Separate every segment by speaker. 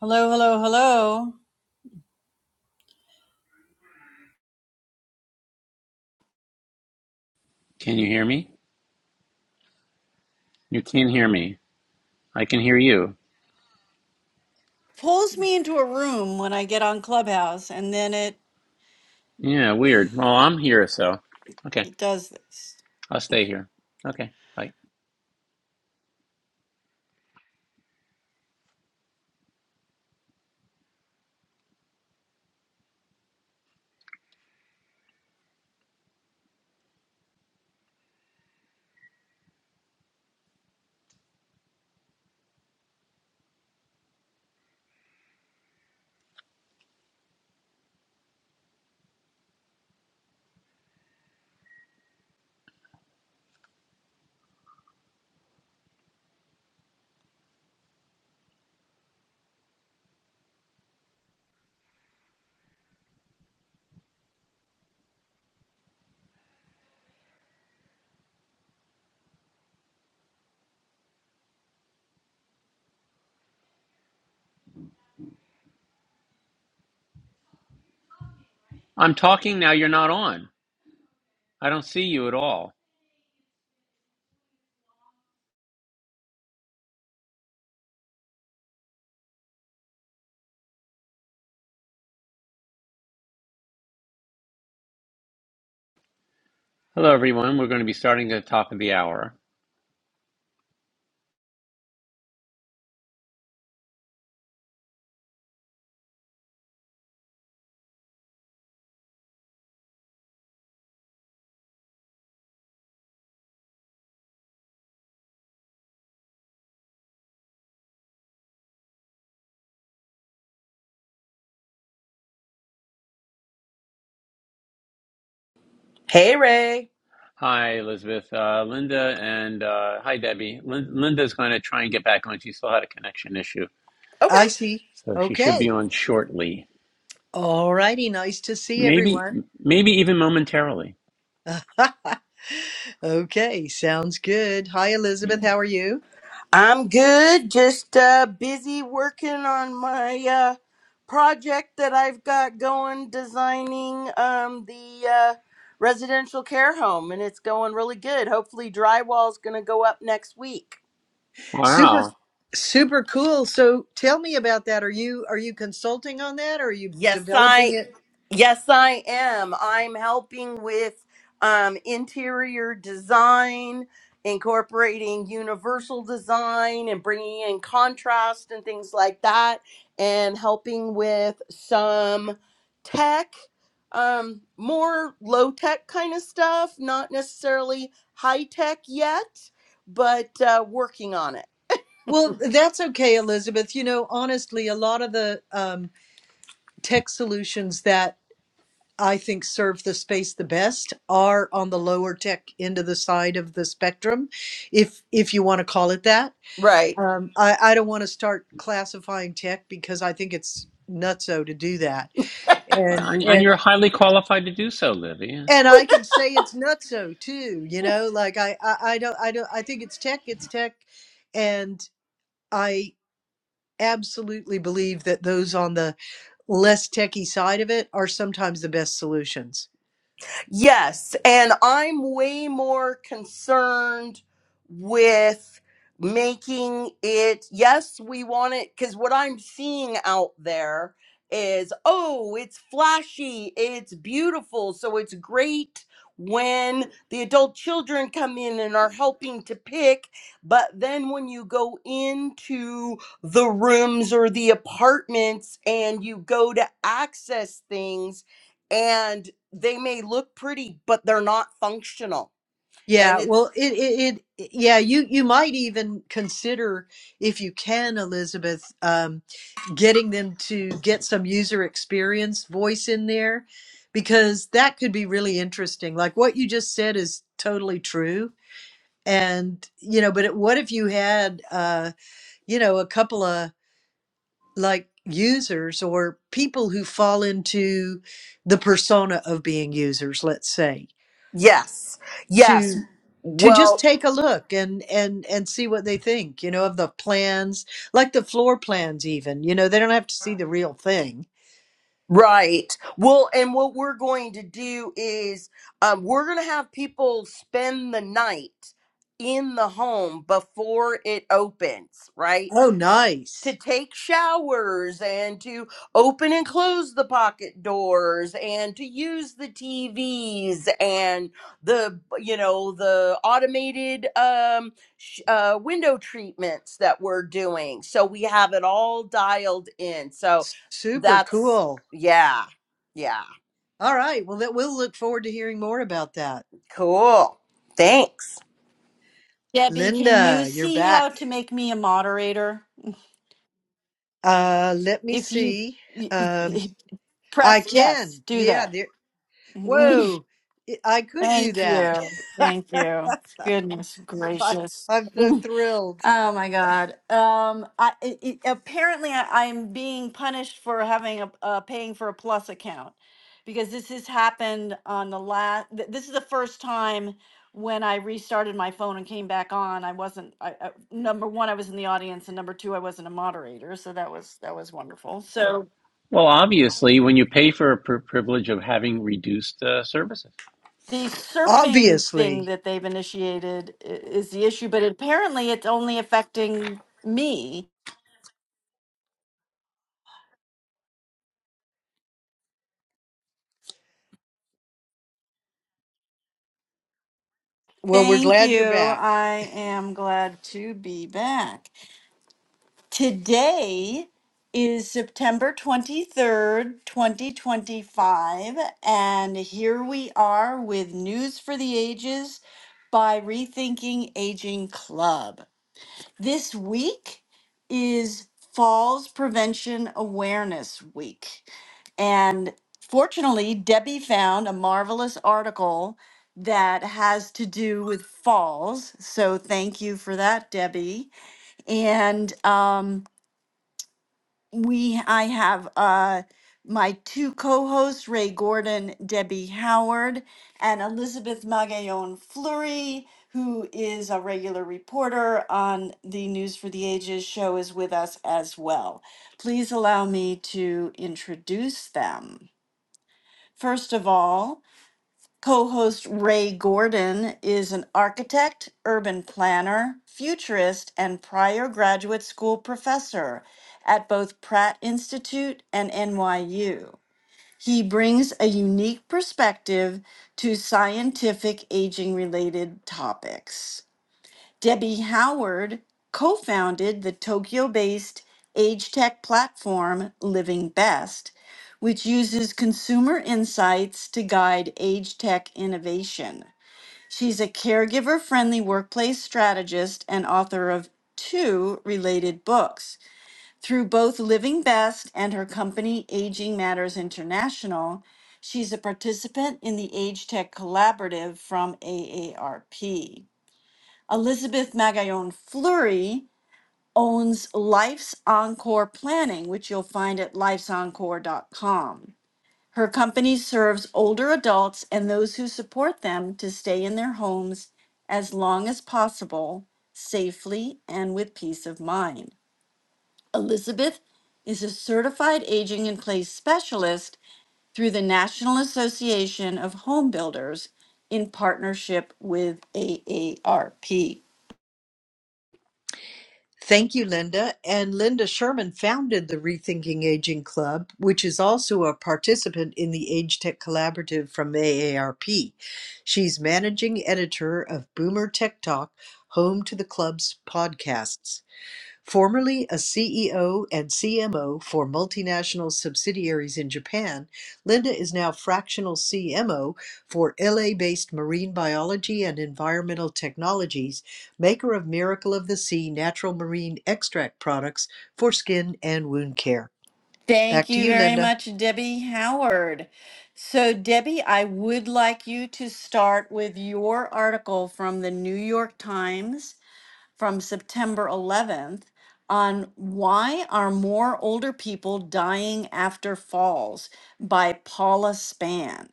Speaker 1: Hello, hello, hello.
Speaker 2: Can you hear me? You can hear me. I can hear you.
Speaker 1: Pulls me into a room when I get on Clubhouse, and then it
Speaker 2: Yeah, weird. Well, I'm here, so. Okay,
Speaker 1: does this.
Speaker 2: I'll stay here. Okay, bye. I'm talking now, you're not on. I don't see you at all. Hello, everyone. We're going to be starting at the top of the hour.
Speaker 3: Hey Ray.
Speaker 2: Hi, Elizabeth, uh, Linda, and uh, hi, Debbie. Lin- Linda's going to try and get back on. She still had a connection issue,
Speaker 3: Okay.
Speaker 4: I see.
Speaker 2: so she should
Speaker 4: Okay.
Speaker 2: be on shortly.
Speaker 4: All righty. Nice to see
Speaker 2: Maybe,
Speaker 4: everyone.
Speaker 2: maybe even momentarily.
Speaker 4: okay. Sounds good. Hi, Elizabeth.
Speaker 2: Yeah.
Speaker 4: How are you?
Speaker 3: I'm good. Just uh busy working on my uh project that I've got going designing um the uh residential care home and it's going really good. Hopefully drywall's going to go up next week.
Speaker 4: Super,
Speaker 2: Wow.
Speaker 4: super cool. So tell me about that. Are you, are you consulting on that? Or are you
Speaker 3: Yes, I
Speaker 4: developing it?
Speaker 3: Yes, I am. I'm helping with um, interior design, incorporating universal design and bringing in contrast and things like that, and helping with some tech, um, more low tech kind of stuff, not necessarily high tech yet, but uh, working on it.
Speaker 4: Well, that's okay, Elizabeth. You know, honestly, a lot of the um, tech solutions that I think serve the space the best are on the lower tech end of the side of the spectrum, if if you want to call it that.
Speaker 3: Right.
Speaker 4: Um, I, I don't want to start classifying tech because I think it's nutso to do that. And
Speaker 2: And and
Speaker 4: and
Speaker 2: you're highly qualified to do so, Livy.
Speaker 4: and I can say it's nutso too, you know, like I, I, I don't I don't I think it's tech, it's tech. And I absolutely believe that those on the less techy side of it are sometimes the best solutions.
Speaker 3: Yes, and I'm way more concerned with making it, yes, we want it, because what I'm seeing out there is, oh, it's flashy, it's beautiful, so it's great when the adult children come in and are helping to pick, but then when you go into the rooms or the apartments and you go to access things, and they may look pretty, but they're not functional. And
Speaker 4: Yeah, well,
Speaker 3: it's
Speaker 4: it, it, it, yeah, you, you might even consider, if you can, Elizabeth, um, getting them to get some user experience voice in there, because that could be really interesting. Like what you just said is totally true. And, you know, but it, what if you had, uh, you know, a couple of like users or people who fall into the persona of being users, let's say,
Speaker 3: yes,
Speaker 4: to,
Speaker 3: yes.
Speaker 4: to just
Speaker 3: Well,
Speaker 4: take a look and and and see what they think you know of the plans like the floor plans even you know they don't have to see the real thing
Speaker 3: right. Well, and what we're going to do is um, we're going to have people spend the night in the home before it opens, right?
Speaker 4: oh
Speaker 3: to
Speaker 4: nice
Speaker 3: take showers and to open and close the pocket doors and to use the TVs and the you know the automated um sh- uh window treatments that we're doing so we have it all dialed in so
Speaker 4: S- super
Speaker 3: that's
Speaker 4: cool
Speaker 3: yeah yeah
Speaker 4: all right well that we'll look forward to hearing more about that
Speaker 3: cool thanks
Speaker 1: Debbie, can you
Speaker 4: linda you're
Speaker 1: see
Speaker 4: back
Speaker 1: how to make me a moderator?
Speaker 4: uh let me
Speaker 1: If you
Speaker 4: see
Speaker 1: y-
Speaker 4: um
Speaker 1: y-
Speaker 4: i
Speaker 1: press yes,
Speaker 4: can
Speaker 1: do
Speaker 4: yeah
Speaker 1: that.
Speaker 4: there whoa i I could do
Speaker 1: Thank
Speaker 4: that
Speaker 1: you. Thank you. Goodness
Speaker 4: I,
Speaker 1: gracious.
Speaker 4: i'm so thrilled
Speaker 1: Oh my God. Um, I it, it, apparently I, I'm being punished for having a uh, paying for a plus account because this has happened on the last. Th- this is the first time when I restarted my phone and came back on. I wasn't. I, I, number one, I was in the audience, and number two, I wasn't a moderator. So that was that was wonderful. So
Speaker 2: Well, obviously, when you pay for a pri privilege of having reduced uh, services.
Speaker 1: the surfing thing
Speaker 4: obviously
Speaker 1: that they've initiated i- is the issue, but apparently it's only affecting me
Speaker 4: well we're
Speaker 1: Thank
Speaker 4: glad you're
Speaker 1: you.
Speaker 4: back
Speaker 1: I am glad to be back. Today is September 23rd, 2025, and here we are with News for the Ages by Rethinking Aging Club. This week is Falls Prevention Awareness Week. And fortunately, Debbie found a marvelous article that has to do with falls. So thank you for that, Debbie. And um, we I have uh my two co-hosts Ray Gordon, Debbie Howard, and Elizabeth Magallon Fleury, who is a regular reporter on the News for the Ages show, is with us as well. Please allow me to introduce them. First of all, Co host Ray Gordon is an architect, urban planner, futurist, and prior graduate school professor at both Pratt Institute and NYU. He brings a unique perspective to scientific aging related topics. Debbie Howard co founded the Tokyo based age tech platform Living Best, which uses consumer insights to guide age tech innovation. She's a caregiver friendly workplace strategist and author of two related books. Through both Living Best and her company Aging Matters International, she's a participant in the Age Tech Collaborative from AARP. Elizabeth Magallon Fleury owns Life's Encore Planning, which you'll find at lifesencore.com. Her company serves older adults and those who support them to stay in their homes as long as possible, safely and with peace of mind. Elizabeth is a certified aging in place specialist through the National Association of Home Builders in partnership with AARP.
Speaker 4: Thank you, Linda. And Linda Sherman founded the Rethinking Aging Club, which is also a participant in the Age Tech Collaborative from AARP. She's managing editor of Boomer Tech Talk, home to the club's podcasts. Formerly a CEO and CMO for multinational subsidiaries in Japan, Linda is now fractional CMO for LA based marine biology and environmental technologies, maker of Miracle of the Sea natural marine extract products for skin and wound care. Back
Speaker 1: Thank
Speaker 4: to
Speaker 1: you
Speaker 4: you,
Speaker 1: very
Speaker 4: Linda.
Speaker 1: much, Debbie Howard. So, Debbie, I would like you to start with your article from the New York Times from September 11th on why are more older people dying after falls by Paula Spann.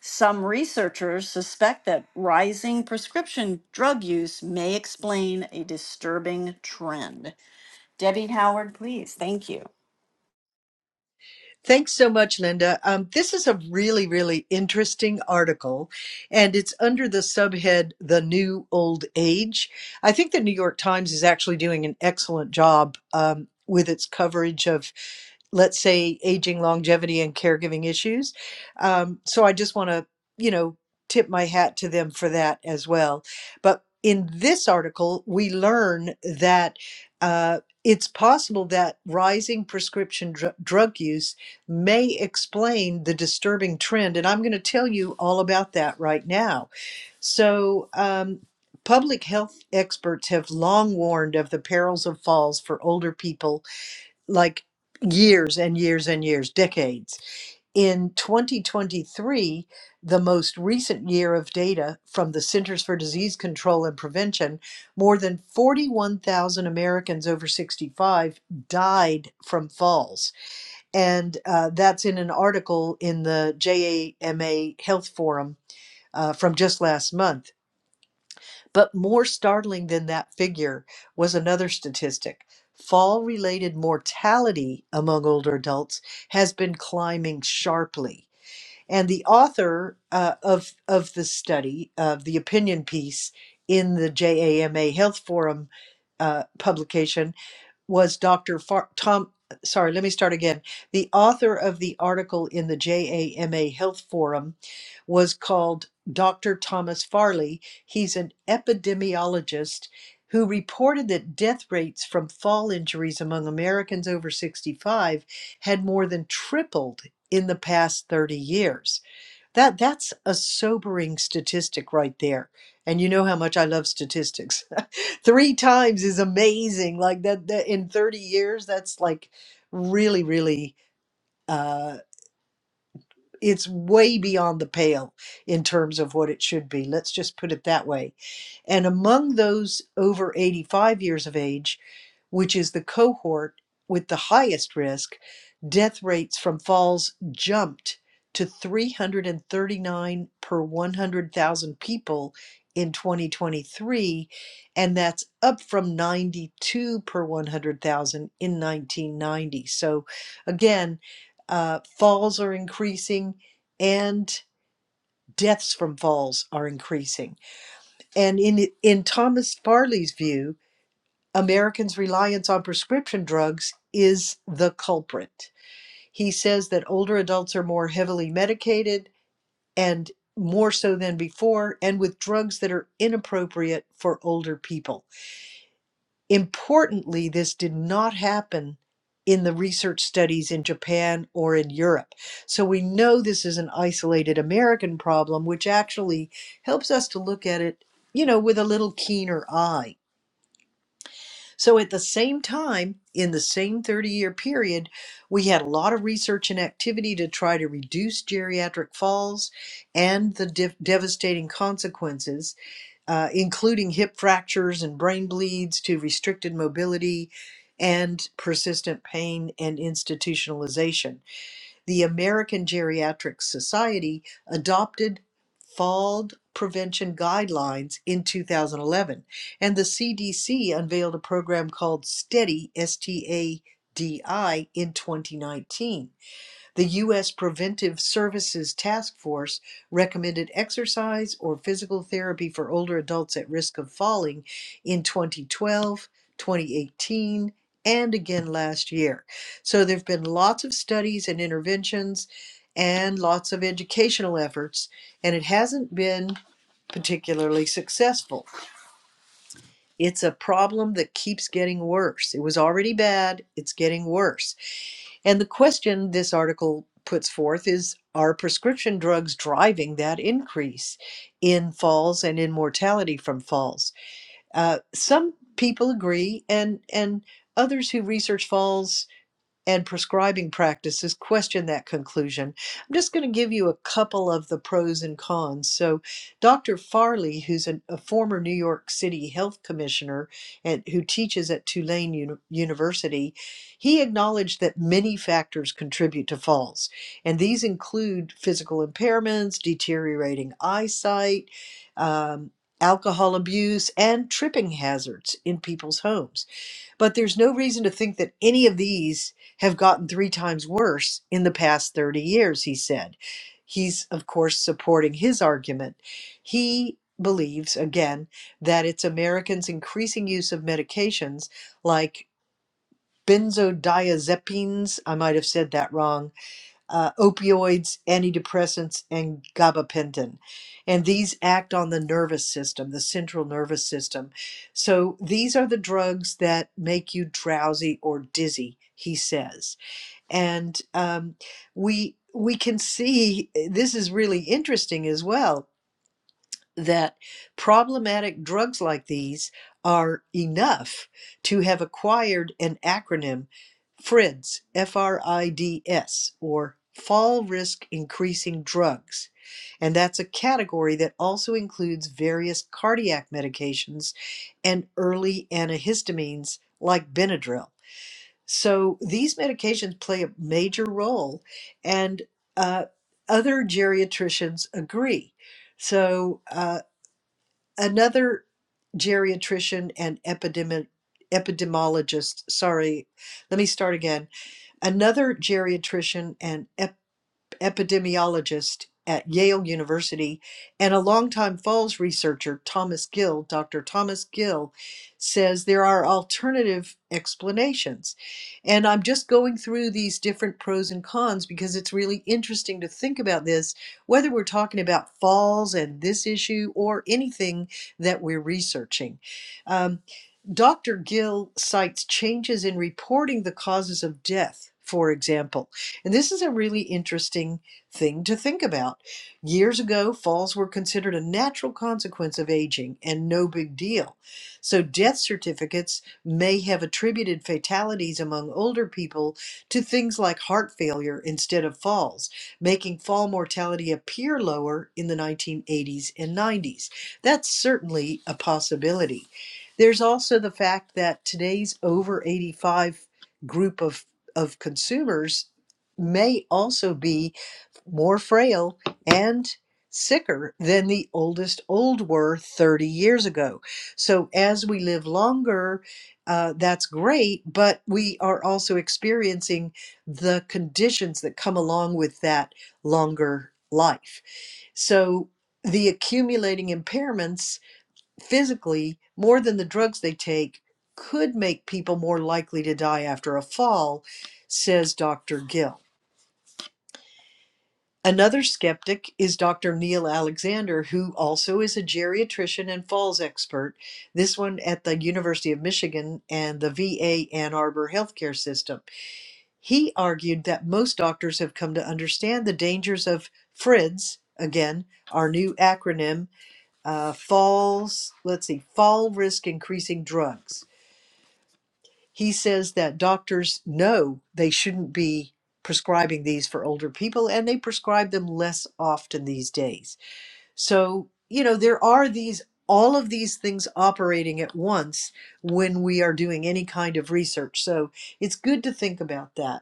Speaker 1: Some researchers suspect that rising prescription drug use may explain a disturbing trend. Debbie Howard, please. Thank you.
Speaker 4: Thanks so much, Linda. Um, this is a really, really interesting article, and it's under the subhead The New Old Age. I think the New York Times is actually doing an excellent job um, with its coverage of let's say aging longevity and caregiving issues um, so i just want to you know tip my hat to them for that as well but in this article we learn that uh, it's possible that rising prescription dr- drug use may explain the disturbing trend. And I'm going to tell you all about that right now. So, um, public health experts have long warned of the perils of falls for older people, like years and years and years, decades. In 2023, the most recent year of data from the Centers for Disease Control and Prevention, more than 41,000 Americans over 65 died from falls and uh, that's in an article in the JAMA Health Forum uh, from just last month. But more startling than that figure was another statistic. Fall related mortality among older adults has been climbing sharply. And the author uh, of, of the study, of the opinion piece in the JAMA Health Forum uh, publication, was Dr. Far- Tom. Sorry, let me start again. The author of the article in the JAMA Health Forum was called Dr. Thomas Farley. He's an epidemiologist who reported that death rates from fall injuries among Americans over 65 had more than tripled in the past 30 years. That that's a sobering statistic right there. And you know how much I love statistics. Three times is amazing. Like that, that in 30 years, that's like really, really uh it's way beyond the pale in terms of what it should be. Let's just put it that way and among those over 85 years of age, which is the cohort with the highest risk, death rates from falls jumped to 339 per 100,000 people in 2023, and that's up from 92 per 100,000 in 1990. So, again, uh, falls are increasing and deaths from falls are increasing. And in, in Thomas Farley's view, Americans' reliance on prescription drugs is the culprit. He says that older adults are more heavily medicated and more so than before, and with drugs that are inappropriate for older people. Importantly, this did not happen in the research studies in Japan or in Europe. So we know this is an isolated American problem, which actually helps us to look at it, you know, with a little keener eye So at the same time, in the same 30 year period, we had a lot of research and activity to try to reduce geriatric falls and the de- devastating consequences, uh, including hip fractures and brain bleeds to restricted mobility and persistent pain and institutionalization the American Geriatric Society adopted fall prevention guidelines in 2011. And the CDC unveiled a program called STEADY, S T A D I, in 2019. The U.S. Preventive Services Task Force recommended exercise or physical therapy for older adults at risk of falling in 2012, 2018, and again last year. So there have been lots of studies and interventions and lots of educational efforts, and it hasn't been particularly successful. It's a problem that keeps getting worse. It was already bad, it's getting worse. And the question this article puts forth is Are prescription drugs driving that increase in falls and in mortality from falls? Uh, some people agree, and, and others who research falls and prescribing practices question that conclusion. I'm just going to give you a couple of the pros and cons. So, Dr. Farley, who's an, a former New York City health commissioner and who teaches at Tulane Uni- University, he acknowledged that many factors contribute to falls, and these include physical impairments, deteriorating eyesight. Um, Alcohol abuse and tripping hazards in people's homes. But there's no reason to think that any of these have gotten three times worse in the past 30 years, he said. He's, of course, supporting his argument. He believes, again, that it's Americans' increasing use of medications like benzodiazepines, I might have said that wrong uh, opioids, antidepressants, and gabapentin. And these act on the nervous system, the central nervous system. So these are the drugs that make you drowsy or dizzy, he says. And um, we we can see eh, this is really interesting as well that problematic drugs like these are enough to have acquired an acronym FRIDS, F R I D S, or Fall Risk Increasing Drugs. And that's a category that also includes various cardiac medications and early antihistamines like Benadryl. So these medications play a major role, and uh, other geriatricians agree. So, uh, another geriatrician and epidemi- epidemiologist sorry let me start again another geriatrician and epidemiologist at Yale University and a longtime falls researcher, Thomas Gill, Dr. Thomas Gill, says there are alternative explanations. And I'm just going through these different pros and cons because it's really interesting to think about this, whether we're talking about falls and this issue or anything that we're researching. Um, Dr. Gill cites changes in reporting the causes of death, for example. And this is a really interesting thing to think about. Years ago, falls were considered a natural consequence of aging and no big deal. So, death certificates may have attributed fatalities among older people to things like heart failure instead of falls, making fall mortality appear lower in the 1980s and 90s. That's certainly a possibility. There's also the fact that today's over 85 group of, of consumers may also be more frail and sicker than the oldest old were 30 years ago. So as we live longer, uh, that's great, but we are also experiencing the conditions that come along with that longer life. So the accumulating impairments physically more than the drugs they take could make people more likely to die after a fall, says Dr. Gill. Another skeptic is Dr. Neil Alexander, who also is a geriatrician and falls expert, this one at the University of Michigan and the VA Ann Arbor healthcare system. He argued that most doctors have come to understand the dangers of FRIDS, again, our new acronym uh, falls, let's see, fall risk increasing drugs. He says that doctors know they shouldn't be prescribing these for older people and they prescribe them less often these days. So, you know, there are these all of these things operating at once when we are doing any kind of research. So, it's good to think about that.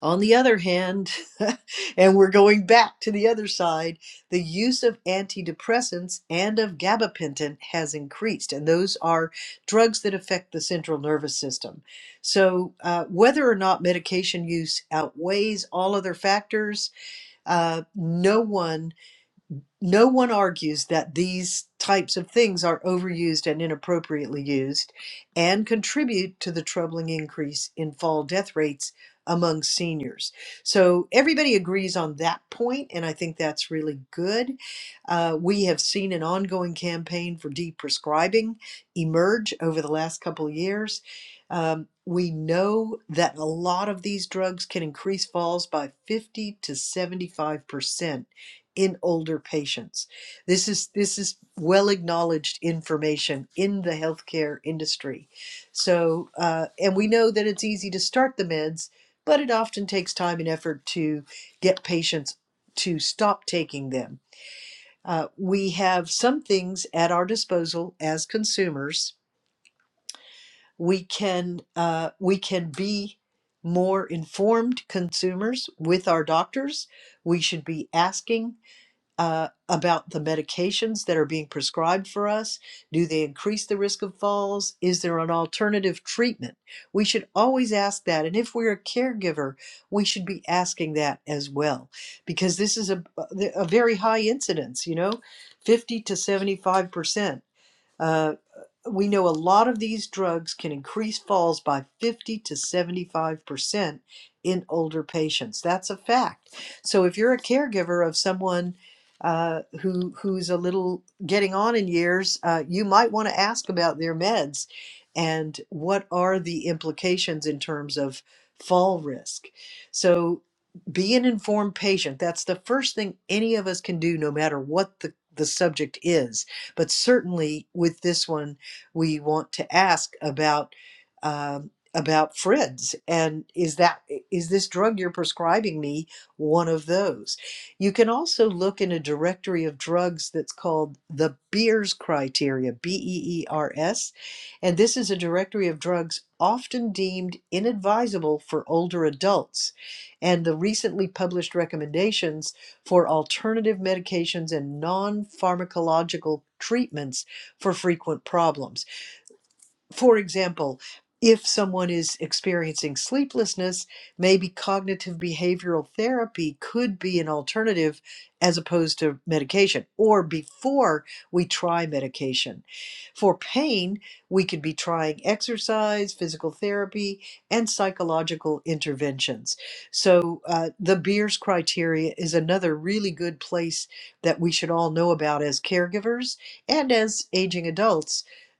Speaker 4: On the other hand, and we're going back to the other side, the use of antidepressants and of gabapentin has increased, and those are drugs that affect the central nervous system. So, uh, whether or not medication use outweighs all other factors, uh, no one no one argues that these types of things are overused and inappropriately used and contribute to the troubling increase in fall death rates among seniors. So everybody agrees on that point, and I think that's really good. Uh, we have seen an ongoing campaign for deprescribing emerge over the last couple of years. Um, we know that a lot of these drugs can increase falls by 50 to 75% in older patients. This is this is well acknowledged information in the healthcare industry. So, uh, and we know that it's easy to start the meds, but it often takes time and effort to get patients to stop taking them. Uh, we have some things at our disposal as consumers. We can uh, we can be more informed consumers with our doctors. We should be asking uh, about the medications that are being prescribed for us. Do they increase the risk of falls? Is there an alternative treatment? We should always ask that. And if we're a caregiver, we should be asking that as well, because this is a, a very high incidence, you know, 50 to 75%. Uh, we know a lot of these drugs can increase falls by 50 to 75% in older patients. That's a fact. So if you're a caregiver of someone uh, who who's a little getting on in years, uh, you might want to ask about their meds and what are the implications in terms of fall risk. So be an informed patient. That's the first thing any of us can do, no matter what the, the subject is but certainly with this one, we want to ask about um, about Fred's and is that is this drug you're prescribing me one of those? You can also look in a directory of drugs that's called the Beers criteria, B E E R S, and this is a directory of drugs often deemed inadvisable for older adults. And the recently published recommendations for alternative medications and non pharmacological treatments for frequent problems for example, if someone is experiencing sleeplessness, maybe cognitive behavioral therapy could be an alternative as opposed to medication or before we try medication. For pain, we could be trying exercise, physical therapy, and psychological interventions. So, uh, the Beers criteria is another really good place that we should all know about as caregivers and as aging adults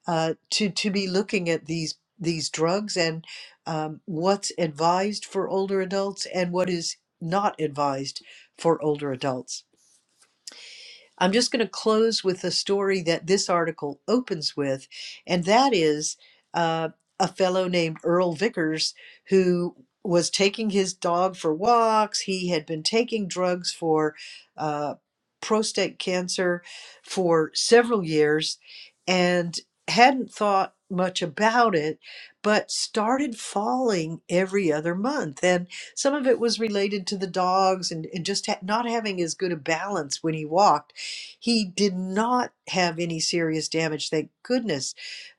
Speaker 4: uh, to to be looking at these these drugs and um, what's advised for older adults and what is not advised for older adults. I'm just going to close with the story that this article opens with, and that is uh, a fellow named Earl Vickers who was taking his dog for walks. He had been taking drugs for uh, prostate cancer for several years and hadn't thought much about it, but started falling every other month. And some of it was related to the dogs and, and just ha- not having as good a balance when he walked he did not have any serious damage, thank goodness,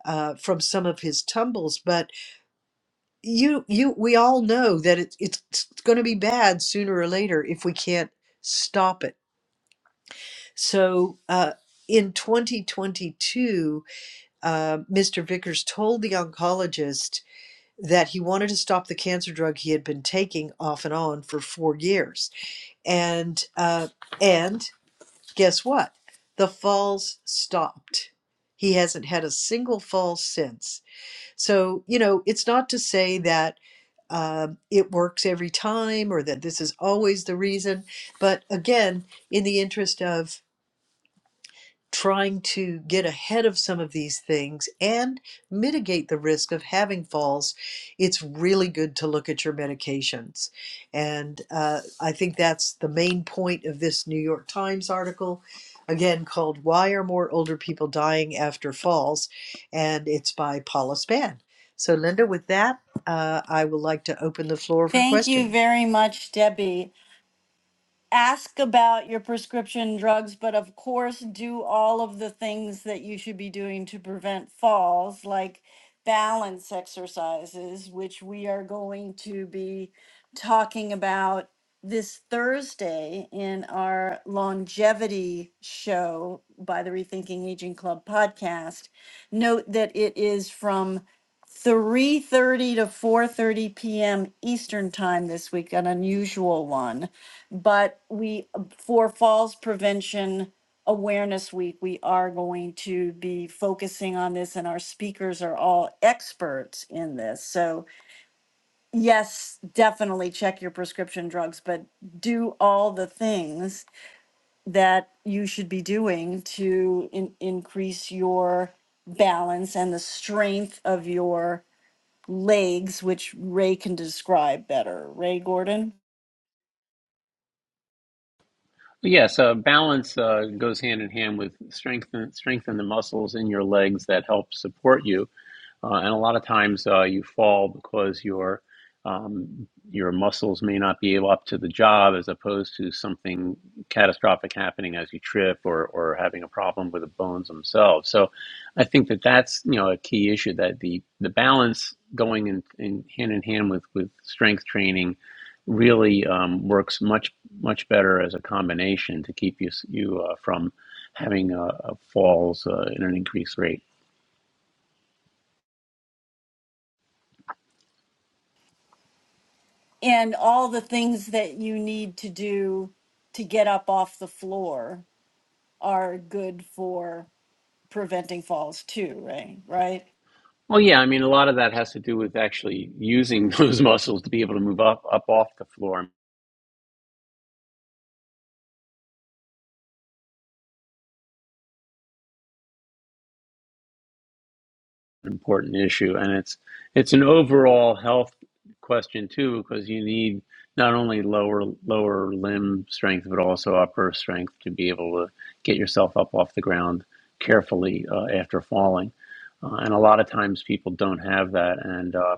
Speaker 4: uh, from some of his tumbles. But you, you, we all know that it, it's going to be bad sooner or later if we can't stop it. So uh, in 2022, uh, Mr. Vickers told the oncologist that he wanted to stop the cancer drug he had been taking off and on for four years, and uh, and guess what? The falls stopped. He hasn't had a single fall since. So, you know, it's not to say that um, it works every time or that this is always the reason. But again, in the interest of trying to get ahead of some of these things and mitigate the risk of having falls, it's really good to look at your medications. And uh, I think that's the main point of this New York Times article, again called Why Are More Older People Dying After Falls? And it's by Paula Spann. So, Linda, with that, uh, I would like to open the floor for
Speaker 1: Thank you
Speaker 4: questions.
Speaker 1: very much, Debbie ask about your prescription drugs, but of course, do all of the things that you should be doing to prevent falls, like balance exercises, which we are going to be talking about this Thursday in our longevity show by the Rethinking Aging Club podcast. Note that it is from 3:30 to 4:30 p.m. Eastern Time this week, an unusual one but we, for Falls Prevention Awareness Week, we are going to be focusing on this, and our speakers are all experts in this. So, yes, definitely check your prescription drugs, but do all the things that you should be doing to in- increase your balance and the strength of your legs, which Ray can describe better. Ray Gordon?
Speaker 2: But Yes, uh, balance uh, goes hand in hand with strengthen strengthen the muscles in your legs that help support you. uh, and a lot of times uh, you fall because your um, your muscles may not be able up to the job, as opposed to something catastrophic happening as you trip or or having a problem with the bones themselves. So, I think that that's you know a key issue that the the balance going in, in hand in hand with with strength training really um, works much much better as a combination to keep you you uh, from having uh, uh, falls uh, at an increased rate.
Speaker 1: and all the things that you need to do to get up off the floor are good for preventing falls too right right
Speaker 2: Well, yeah, I mean, a lot of that has to do with actually using those muscles to be able to move up, up off the floor. An important issue, and it's it's an overall health question too, because you need not only lower lower limb strength but also upper strength to be able to get yourself up off the ground carefully uh, after falling. Uh, and a lot of times people don't have that, and uh,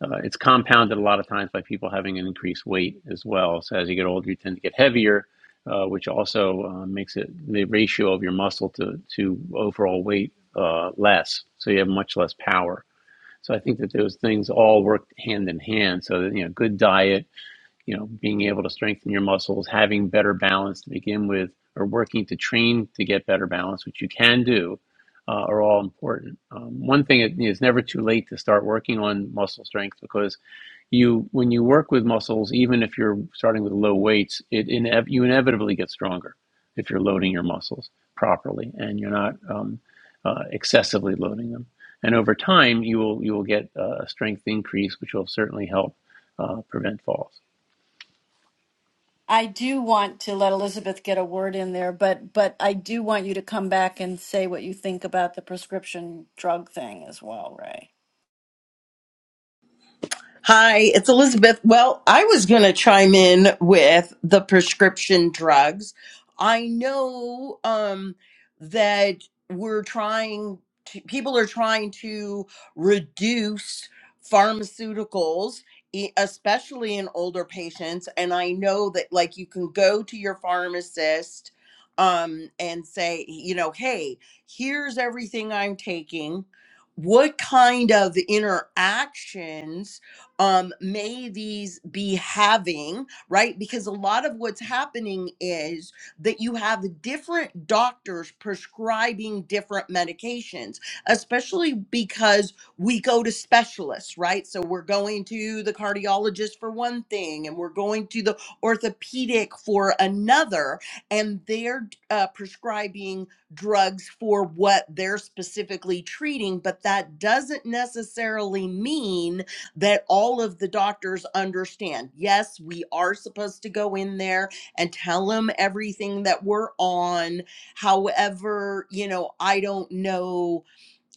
Speaker 2: Uh, it's compounded a lot of times by people having an increased weight as well. So as you get older, you tend to get heavier, uh, which also uh, makes it the ratio of your muscle to to overall weight uh, less. So you have much less power. So I think that those things all work hand in hand. So that, you know, good diet, you know, being able to strengthen your muscles, having better balance to begin with, or working to train to get better balance, which you can do, uh, are all important. Um, one thing is you know, it's never too late to start working on muscle strength because you when you work with muscles, even if you're starting with low weights, it inev- you inevitably get stronger if you're loading your muscles properly and you're not um, uh, excessively loading them. And over time, you will you will get uh, a strength increase, which will certainly help uh, prevent falls.
Speaker 1: i do want to let elizabeth get a word in there but but i do want you to come back and say what you think about the prescription drug thing as well ray
Speaker 3: Hi, it's Elizabeth. Well, I was going to chime in with the prescription drugs. I know um, that we're trying to, people are trying to reduce pharmaceuticals, e- especially in older patients. And I know that, like, you can go to your pharmacist um, and say, you know, hey, here's everything I'm taking. What kind of interactions? um, may these be having, right? Because a lot of what's happening is that you have different doctors prescribing different medications, especially because we go to specialists, right? So we're going to the cardiologist for one thing, and we're going to the orthopedic for another, and they're uh, prescribing drugs for what they're specifically treating. But that doesn't necessarily mean that all of the doctors understand. Yes, we are supposed to go in there and tell them everything that we're on. However, you know, I don't know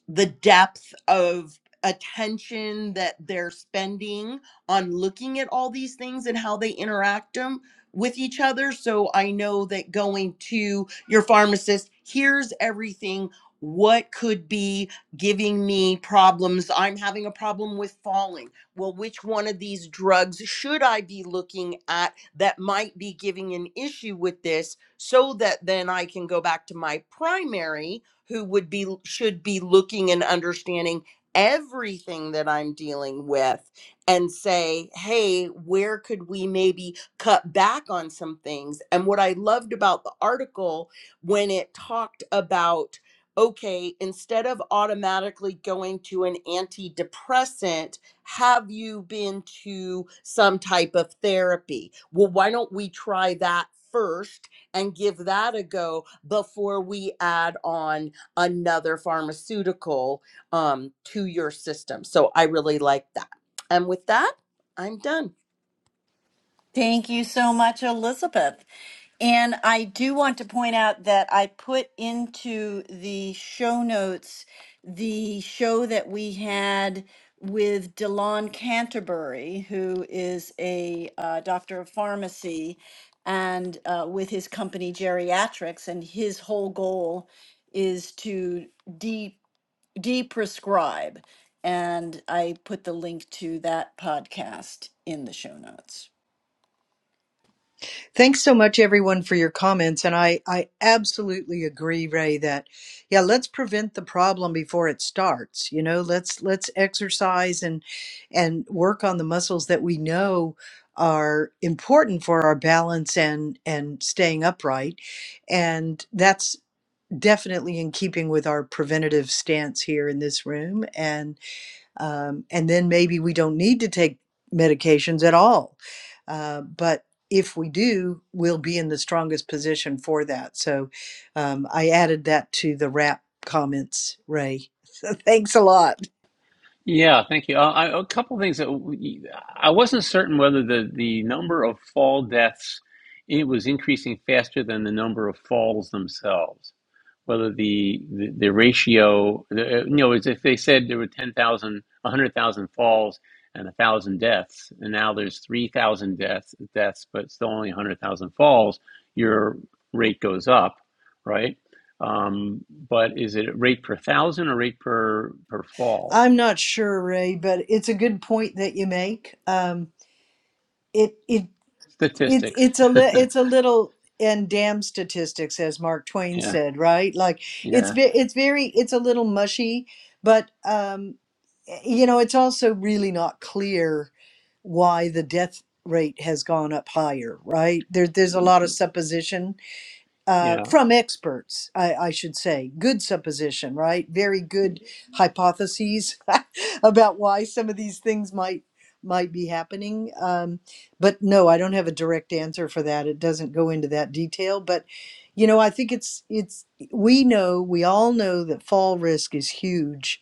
Speaker 3: the depth of attention that they're spending on looking at all these things and how they interact them with each other so i know that going to your pharmacist here's everything what could be giving me problems i'm having a problem with falling well which one of these drugs should i be looking at that might be giving an issue with this so that then i can go back to my primary who would be should be looking and understanding everything that I'm dealing with and say, "Hey, where could we maybe cut back on some things?" And what I loved about the article when it talked about okay, instead of automatically going to an antidepressant, have you been to some type of therapy? Well, why don't we try that first and give that a go before we add on another pharmaceutical um, to your system. So I really like that. And with that, I'm done.
Speaker 1: Thank you so much, Elizabeth. And I do want to point out that I put into the show notes the show that we had with Delon Canterbury, who is a uh, doctor of pharmacy, and uh, with his company Geriatrics, and his whole goal is to de de-prescribe. And I put the link to that podcast in the show notes.
Speaker 4: Thanks so much, everyone, for your comments. And I, I absolutely agree, Ray, that yeah, let's prevent the problem before it starts. You know, let's let's exercise and and work on the muscles that we know are important for our balance and and staying upright. And that's definitely in keeping with our preventative stance here in this room um, and then maybe we don't need to take medications at all. Uh, but if we do, we'll be in the strongest position for that. So um, I added that to the wrap comments, Ray. So thanks a lot.
Speaker 2: Yeah, thank you. Uh, I, a couple of things that we, I wasn't certain whether the the number of fall deaths it was increasing faster than the number of falls themselves. whether the the, the ratio, the, uh, you know, is if they said there were 10,000, 100,000 falls and 1,000 deaths, and now there's 3,000 deaths, deaths, but still only 100,000 falls, your rate goes up, right? Um, but is it rate per thousand or rate per per fall?
Speaker 4: I'm not sure, Ray, but it's a good point that you make. Um, it it it's
Speaker 2: Statistics.
Speaker 4: it's a li- it's a little and damn statistics as mark twain
Speaker 2: Yeah,
Speaker 4: said right like it's
Speaker 2: yeah,
Speaker 4: ve- it's very it's a little mushy but um y- you know it's also really not clear why the death rate has gone up higher right there there's a lot of supposition uh,
Speaker 2: yeah.
Speaker 4: from experts, I, I should say. Good supposition, right? Very good hypotheses about why some of these things might might be happening. Um, but no, I don't have a direct answer for that. It doesn't go into that detail. But you know, I think it's it's we know we all know that fall risk is huge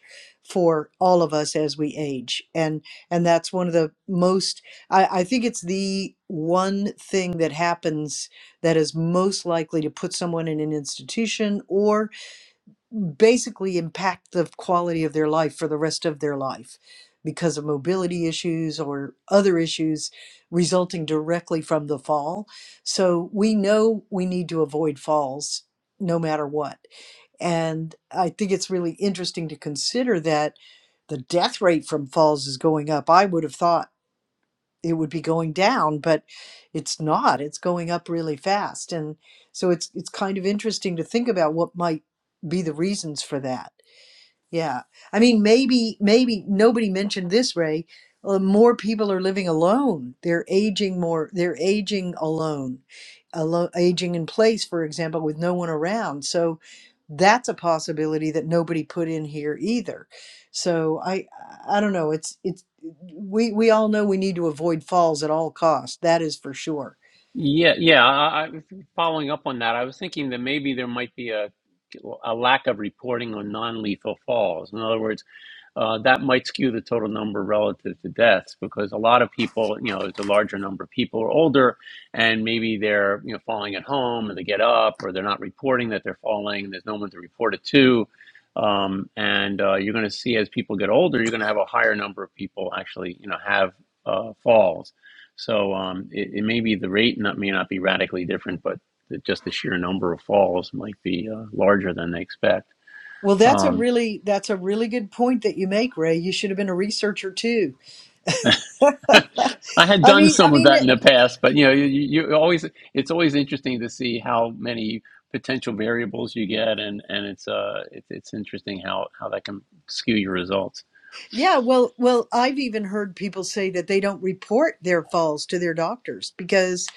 Speaker 4: for all of us as we age and and that's one of the most I, I think it's the one thing that happens that is most likely to put someone in an institution or basically impact the quality of their life for the rest of their life because of mobility issues or other issues resulting directly from the fall. So we know we need to avoid falls no matter what. And I think it's really interesting to consider that the death rate from falls is going up. I would have thought it would be going down, but it's not. It's going up really fast. And so it's it's kind of interesting to think about what might be the reasons for that. Yeah. I mean, maybe, maybe nobody mentioned this, Ray. Uh, more people are living alone. They're aging more. They're aging alone, alone, aging in place, for example, with no one around. So that's a possibility that nobody put in here either. So I, I don't know. It's, it's, we, we all know we need to avoid falls at all costs. That is for sure.
Speaker 2: Yeah, yeah. I, I, following up on that, I was thinking that maybe there might be a a lack of reporting on non-lethal falls. In other words, uh, that might skew the total number relative to deaths because a lot of people, you know, it's a larger number of people are older and maybe they're, you know, falling at home or they get up or they're not reporting that they're falling. and There's no one to report it to. Um, and uh, you're going to see as people get older, you're going to have a higher number of people actually, you know, have uh, falls. So um, it, it may be the rate not, may not be radically different, but the, just the sheer number of falls might be uh, larger than they expect.
Speaker 4: Well, that's a
Speaker 2: Um,
Speaker 4: really, that's a really good point that you make, Ray. You should have been a researcher too
Speaker 2: I had
Speaker 4: I
Speaker 2: done
Speaker 4: mean, I
Speaker 2: some of
Speaker 4: mean,
Speaker 2: that in the past, but you know, you, you always it's always interesting to see how many potential variables you get, and and it's uh it's it's interesting how how that can skew your results.
Speaker 4: yeah. Well, well, I've even heard people say that they don't report their falls to their doctors because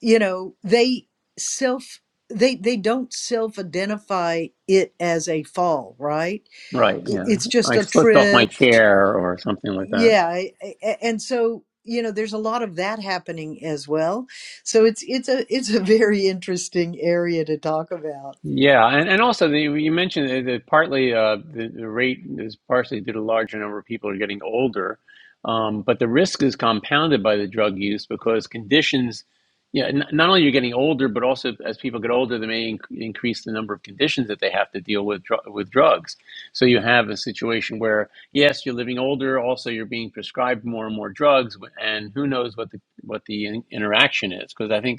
Speaker 4: you know they self they they don't self identify it as a fall, right?
Speaker 2: Right?
Speaker 4: I-
Speaker 2: Yeah,
Speaker 4: It's just
Speaker 2: I
Speaker 4: a
Speaker 2: slipped off my
Speaker 4: trip.
Speaker 2: chair or something like that.
Speaker 4: Yeah, a- a- and so you know there's a lot of that happening as well. So it's it's a it's a very interesting area to talk about.
Speaker 2: Yeah, and, and also the, you mentioned that, that partly uh, the, the rate is partially due to larger number of people are getting older, um, but the risk is compounded by the drug use because conditions, yeah, n- not only you're getting older, but also as people get older, they may inc- increase the number of conditions that they have to deal with dr- with drugs. So you have a situation where yes, you're living older, also you're being prescribed more and more drugs, and who knows what the what the in- interaction is? Because I think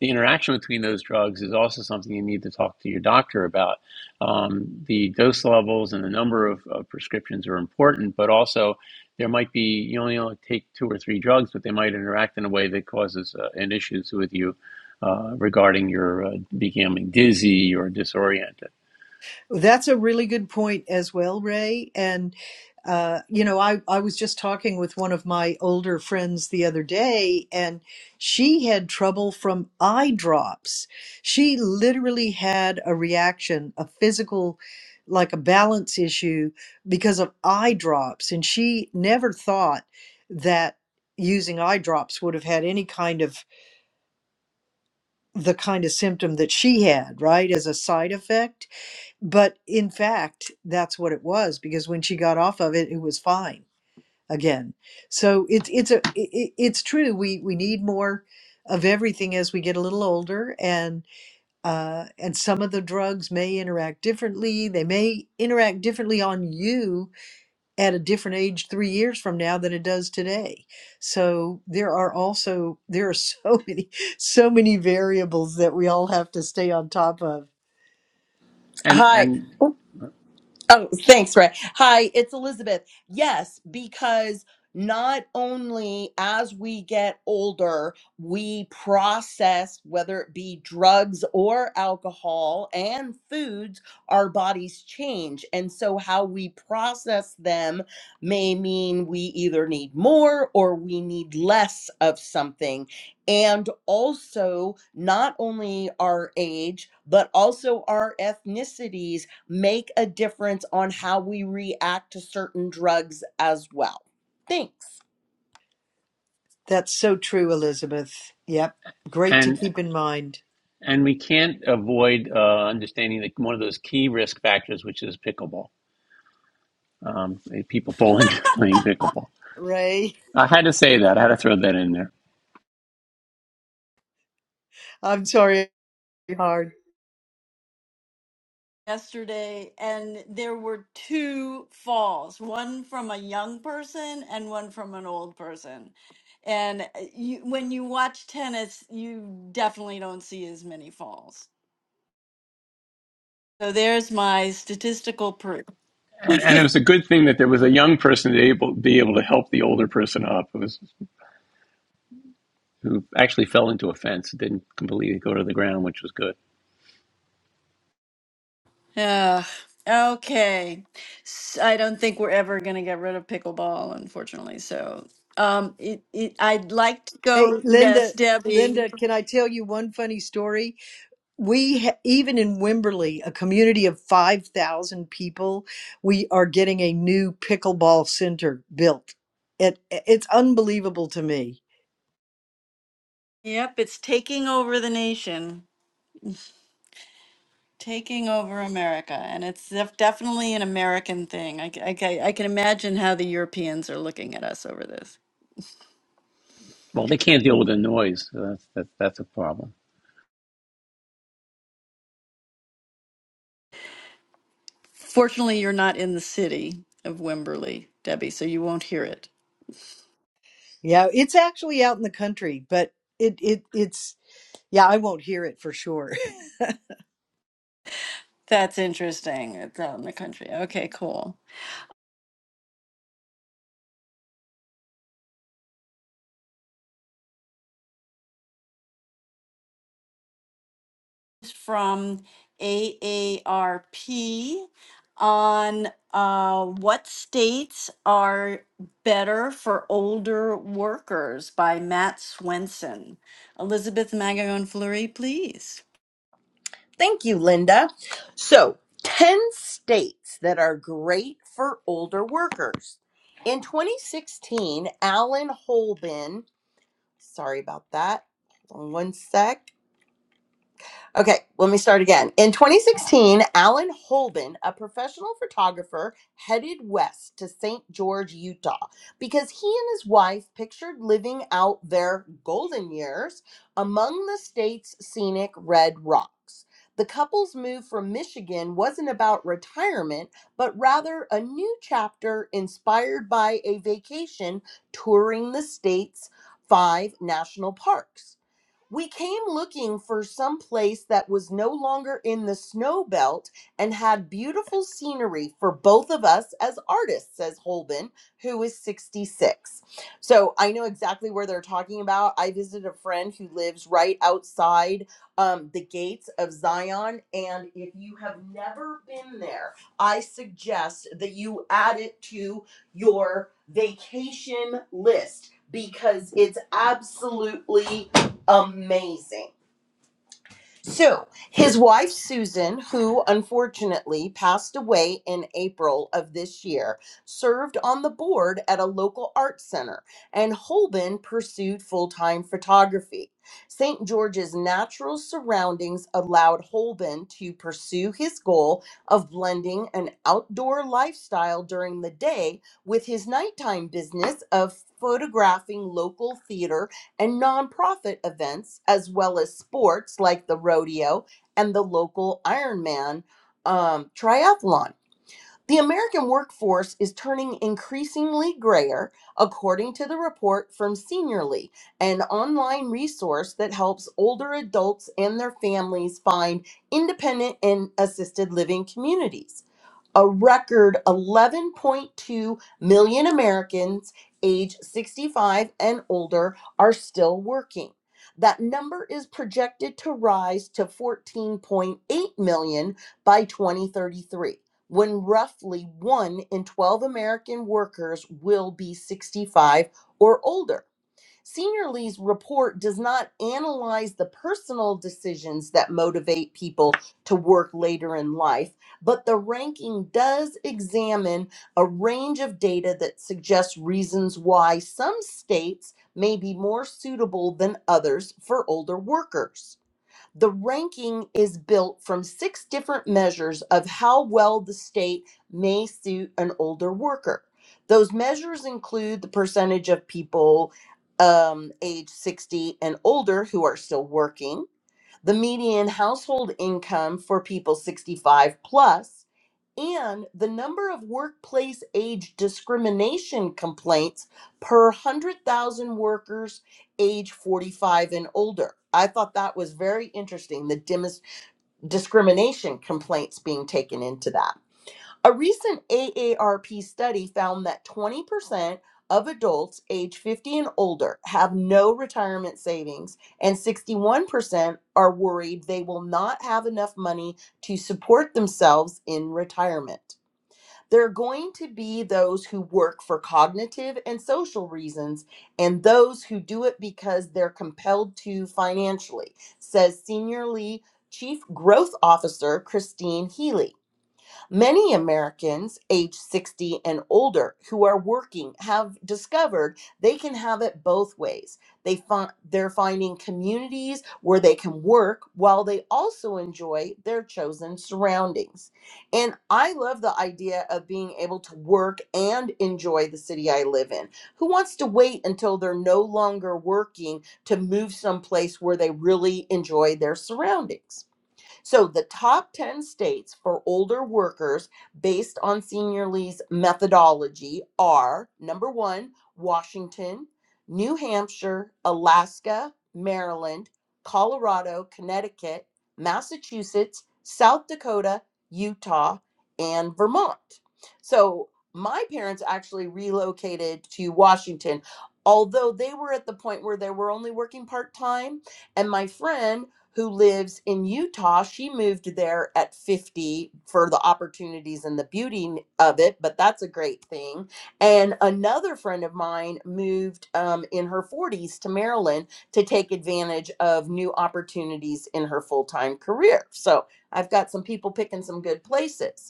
Speaker 2: the interaction between those drugs is also something you need to talk to your doctor about. Um, the dose levels and the number of, of prescriptions are important, but also there might be you only only take two or three drugs, but they might interact in a way that causes uh, an issues with you uh, regarding your uh, becoming dizzy or disoriented.
Speaker 4: That's a really good point as well, Ray. And, uh, you know, I, I was just talking with one of my older friends the other day, and she had trouble from eye drops. She literally had a reaction, a physical, like a balance issue because of eye drops. And she never thought that using eye drops would have had any kind of the kind of symptom that she had, right, as a side effect but in fact, that's what it was because when she got off of it, it was fine again. So it's it's a i- i- it's true. We we need more of everything as we get a little older, and uh, and some of the drugs may interact differently. They may interact differently on you at a different age three years from now than it does today. So there are also there are so many so many variables that we all have to stay on top of
Speaker 2: And
Speaker 3: Hi.
Speaker 2: and
Speaker 3: Oh, thanks, Ray. Hi, it's Elizabeth. Yes, because not only as we get older, we process, whether it be drugs or alcohol and foods, our bodies change. And so, how we process them may mean we either need more or we need less of something. And also, not only our age, but also our ethnicities make a difference on how we react to certain drugs as well. Thanks.
Speaker 4: That's so true, Elizabeth. Yep. Great to
Speaker 2: and
Speaker 4: keep in mind.
Speaker 2: and we can't avoid uh, understanding that one of those key risk factors, which is pickleball, um, people falling playing pickleball.
Speaker 4: Ray,
Speaker 2: I had to say that. I had to throw that in there.
Speaker 4: I'm sorry, hard.
Speaker 1: yesterday and there were two falls one from a young person and one from an old person and uh, you, when you watch tennis you definitely don't see as many falls so there's my statistical proof
Speaker 2: And, and it was a good thing that there was a young person to able, be able to help the older person up who, was, who actually fell into a fence, didn't completely go to the ground, which was good.
Speaker 1: uh, okay S- i don't think we're ever going to get rid of pickleball unfortunately so um it, it i'd like to
Speaker 4: Hey,
Speaker 1: go yes
Speaker 4: Linda,
Speaker 1: debbie
Speaker 4: Linda, can I tell you one funny story? We, ha- even in Wimberley, a community of 5,000 people, we are getting a new pickleball center built. It, it's unbelievable to me.
Speaker 1: yep it's taking over the nation taking over America, and it's def- definitely an American thing. I, c- I c- I can imagine how the Europeans are looking at us over this.
Speaker 2: Well, they can't deal with the noise. So that's, that, that's a problem.
Speaker 1: Fortunately, you're not in the city of Wimberley, Debbie, so you won't hear it.
Speaker 4: Yeah, it's actually out in the country, but it, it it's yeah, I won't hear it for sure.
Speaker 1: That's interesting. It's out in the country. Okay, cool. It's From AARP on uh, what states are better for older workers by Matt Swenson. Elizabeth Magallon Fleury, please.
Speaker 3: Thank you, Linda. So, 10 states that are great for older workers. In 2016, Alan Holben, sorry about that. Hold on one sec. Okay, let me start again. In 2016, Alan Holden, a professional photographer, headed west to St. George, Utah, because he and his wife pictured living out their golden years among the state's scenic red rocks. The couple's move from Michigan wasn't about retirement, but rather a new chapter inspired by a vacation touring the state's five national parks. We came looking for some place that was no longer in the snow belt and had beautiful scenery for both of us as artists, says Holben, who is 66. So I know exactly where they're talking about. I visited a friend who lives right outside um, the gates of Zion. And if you have never been there, I suggest that you add it to your vacation list because it's absolutely amazing. So, his wife Susan, who unfortunately passed away in April of this year, served on the board at a local art center, and Holben pursued full time photography. St. George's natural surroundings allowed Holben to pursue his goal of blending an outdoor lifestyle during the day with his nighttime business of photographing local theater and nonprofit events, as well as sports like the rodeo and the local Ironman um, triathlon. The American workforce is turning increasingly grayer, according to the report from Seniorly, an online resource that helps older adults and their families find independent and assisted living communities a record 11.2 million Americans age 65 and older are still working. That number is projected to rise to 14.8 million by 2033, when roughly 1 in 12 American workers will be 65 or older. Senior Lee's report does not analyze the personal decisions that motivate people to work later in life, but the ranking does examine a range of data that suggests reasons why some states may be more suitable than others for older workers. The ranking is built from six different measures of how well the state may suit an older worker. Those measures include the percentage of people um, age 60 and older who are still working, the median household income for people 65 plus, and the number of workplace age discrimination complaints per 100,000 workers age 45 and older. I thought that was very interesting, the dimis- discrimination complaints being taken into that. A recent AARP study found that 20% of adults age 50 and older have no retirement savings, and 61% are worried they will not have enough money to support themselves in retirement. There are going to be those who work for cognitive and social reasons and those who do it because they're compelled to financially, says Senior Lee Chief Growth Officer Christine Healy. Many Americans age 60 and older who are working have discovered they can have it both ways. They find they're finding communities where they can work while they also enjoy their chosen surroundings. And I love the idea of being able to work and enjoy the city I live in. Who wants to wait until they're no longer working to move someplace where they really enjoy their surroundings? So the top 10 states for older workers based on Seniorly's methodology are number one, Washington, New Hampshire, Alaska, Maryland, Colorado, Connecticut, Massachusetts, South Dakota, Utah, and Vermont. So my parents actually relocated to Washington, although they were at the point where they were only working part time. And my friend who lives in Utah. She moved there at 50 for the opportunities and the beauty of it, but that's a great thing. And another friend of mine moved um, in her 40s to Maryland to take advantage of new opportunities in her full time career. So I've got some people picking some good places.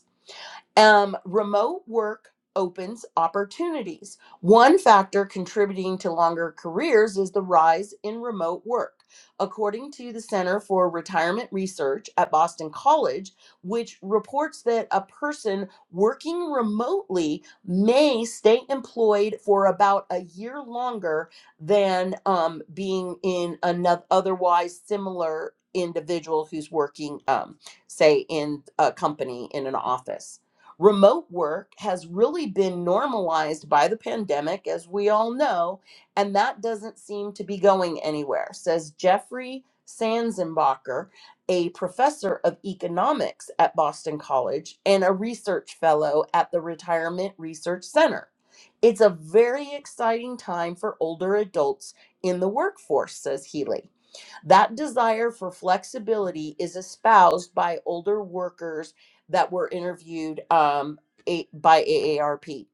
Speaker 3: Um, remote work opens opportunities. One factor contributing to longer careers is the rise in remote work. According to the Center for Retirement Research at Boston College, which reports that a person working remotely may stay employed for about a year longer than um, being in another otherwise similar individual who's working, um, say, in a company in an office. Remote work has really been normalized by the pandemic, as we all know, and that doesn't seem to be going anywhere, says Jeffrey Sanzenbacher, a professor of economics at Boston College and a research fellow at the Retirement Research Center. It's a very exciting time for older adults in the workforce, says Healy. That desire for flexibility is espoused by older workers that were interviewed um, a- by AARP.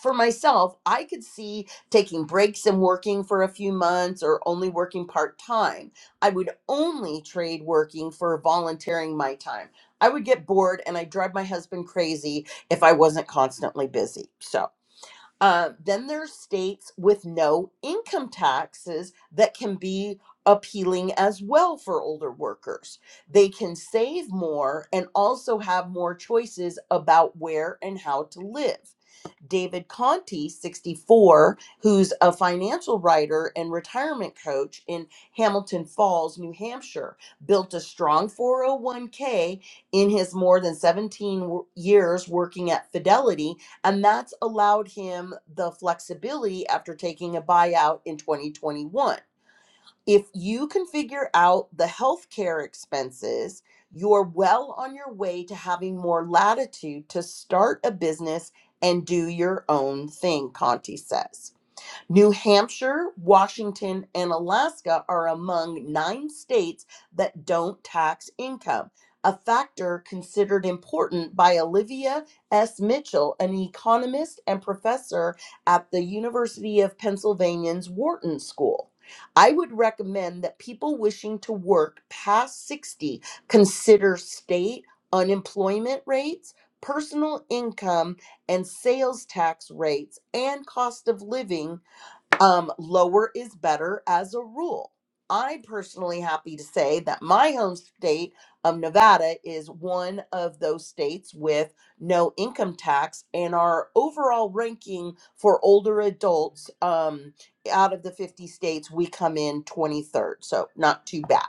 Speaker 3: For myself, I could see taking breaks and working for a few months or only working part time. I would only trade working for volunteering my time. I would get bored and I'd drive my husband crazy if I wasn't constantly busy. So, uh, then there's states with no income taxes that can be appealing as well for older workers. They can save more and also have more choices about where and how to live. David Conti, 64, who's a financial writer and retirement coach in Hamilton Falls, New Hampshire, built a strong 401k in his more than 17 wo- years working at Fidelity, and that's allowed him the flexibility after taking a buyout in 2021. If you can figure out the healthcare expenses, you're well on your way to having more latitude to start a business and do your own thing, Conti says. New Hampshire, Washington, and Alaska are among nine states that don't tax income, a factor considered important by Olivia S. Mitchell, an economist and professor at the University of Pennsylvania's Wharton School. I would recommend that people wishing to work past 60 consider state unemployment rates, personal income, and sales tax rates and cost of living um, lower is better as a rule. I'm personally happy to say that my home state of Nevada is one of those states with no income tax, and our overall ranking for older adults um, out of the 50 states, we come in 23rd. So, not too bad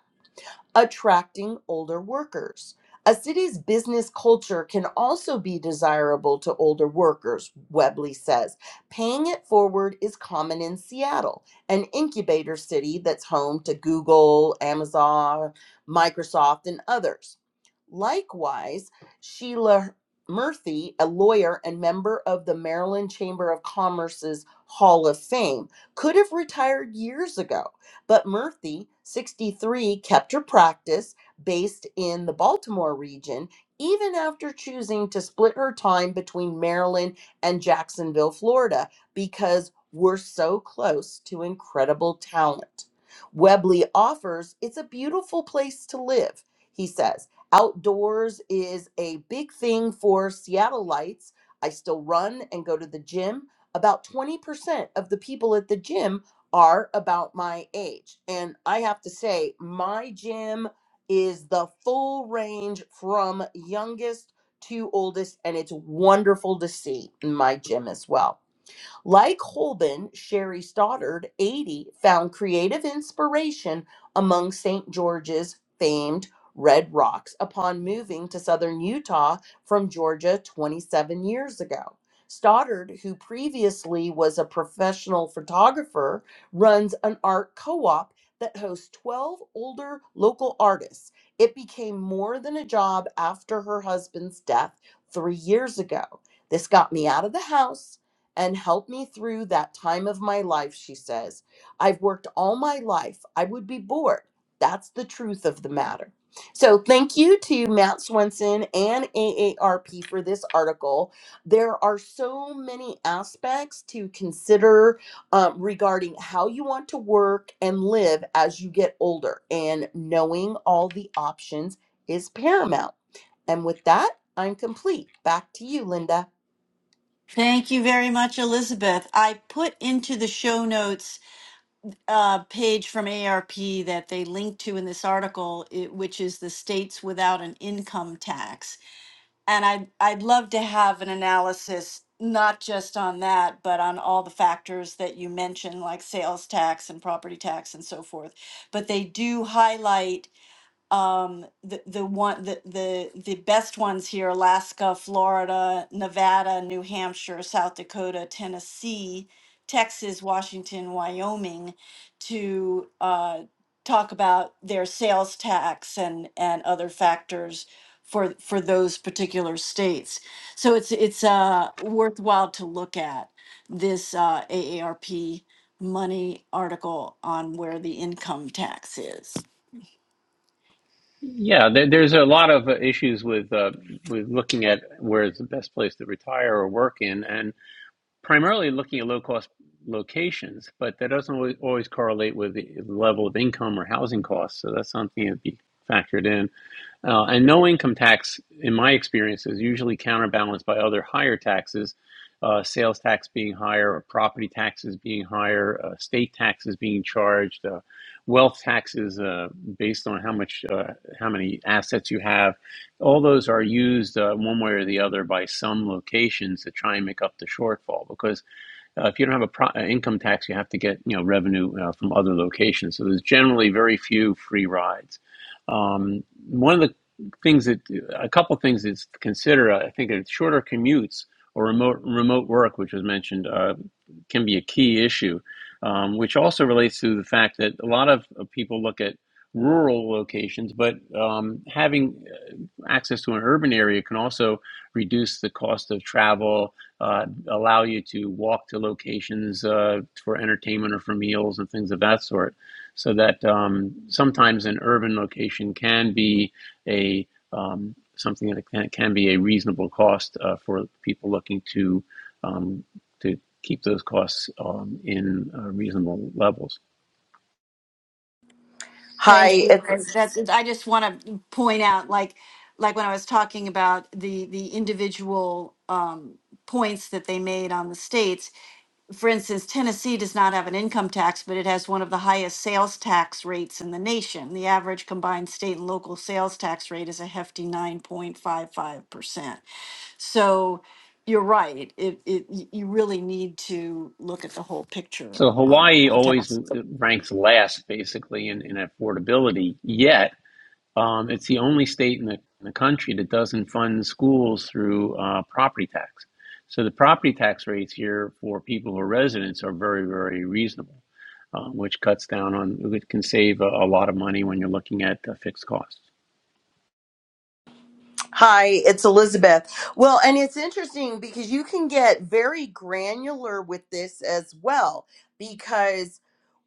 Speaker 3: attracting older workers. A city's business culture can also be desirable to older workers, Webley says. Paying it forward is common in Seattle, an incubator city that's home to Google, Amazon, Microsoft, and others. Likewise, Sheila Murphy, a lawyer and member of the Maryland Chamber of Commerce's Hall of Fame, could have retired years ago, but Murphy, 63, kept her practice based in the Baltimore region even after choosing to split her time between Maryland and Jacksonville, Florida, because we're so close to incredible talent. Webley offers, it's a beautiful place to live, he says Outdoors is a big thing for Seattleites. I still run and go to the gym. About 20% of the people at the gym are about my age. And I have to say, my gym is the full range from youngest to oldest, and it's wonderful to see in my gym as well. Like Holben, Sherry Stoddard, 80, found creative inspiration among St. George's famed Red Rocks upon moving to southern Utah from Georgia 27 years ago. Stoddard, who previously was a professional photographer, runs an art co op that hosts 12 older local artists. It became more than a job after her husband's death three years ago. This got me out of the house and help me through that time of my life, she says. I've worked all my life. I would be bored. That's the truth of the matter. So, thank you to Matt Swenson and AARP for this article. There are so many aspects to consider um, regarding how you want to work and live as you get older, and knowing all the options is paramount. And with that, I'm complete. Back to you, Linda.
Speaker 1: Thank you very much, Elizabeth. I put into the show notes a page from ARP that they link to in this article, it, which is the states without an income tax. And I'd, I'd love to have an analysis, not just on that, but on all the factors that you mentioned, like sales tax and property tax and so forth. But they do highlight um the the one the the the best ones here Alaska, Florida, Nevada, New Hampshire, South Dakota, Tennessee, Texas, Washington, Wyoming to uh talk about their sales tax and and other factors for for those particular states. So it's it's uh worthwhile to look at this uh AARP money article on where the income tax is.
Speaker 2: Yeah, there, there's a lot of uh, issues with, uh, with looking at where is the best place to retire or work in, and primarily looking at low cost locations, but that doesn't always, always correlate with the level of income or housing costs. So that's something to be factored in. Uh, and no income tax, in my experience, is usually counterbalanced by other higher taxes, uh, sales tax being higher, or property taxes being higher, uh, state taxes being charged, uh, wealth taxes uh, based on how much, uh, how many assets you have. All those are used uh, one way or the other by some locations to try and make up the shortfall because uh, if you don't have a pro- uh, income tax, you have to get you know revenue uh, from other locations. So there's generally very few free rides. Um, one of the things that a couple things that's to consider, I think, are shorter commutes or remote remote work, which was mentioned. Uh, can be a key issue, um, which also relates to the fact that a lot of uh, people look at rural locations, but um, having uh, access to an urban area can also reduce the cost of travel, uh, allow you to walk to locations uh, for entertainment or for meals and things of that sort. So that um, sometimes an urban location can be a um, something that can, can be a reasonable cost uh, for people looking to, um, to keep those costs um, in uh, reasonable levels.
Speaker 3: Hi,
Speaker 1: Thank
Speaker 3: it's.
Speaker 1: you. Greg. That's, I just want to point out, like, like when I was talking about the, the individual um, points that they made on the states, for instance, Tennessee does not have an income tax, but it has one of the highest sales tax rates in the nation. The average combined state and local sales tax rate is a hefty 9.55%. So you're right. It, it, y- you really need to look at the whole picture
Speaker 2: So
Speaker 1: on,
Speaker 2: Hawaii
Speaker 1: on
Speaker 2: always
Speaker 1: tax.
Speaker 2: ranks last, basically, in, in affordability. Yet um, it's the only state in the, in the country that doesn't fund schools through uh, property tax. So the property tax rates here for people who are residents are very, very reasonable, uh, which cuts down on, it can save a, a lot of money when you're looking at uh, fixed costs.
Speaker 3: Hi, it's Elizabeth. Well, and it's interesting because you can get very granular with this as well because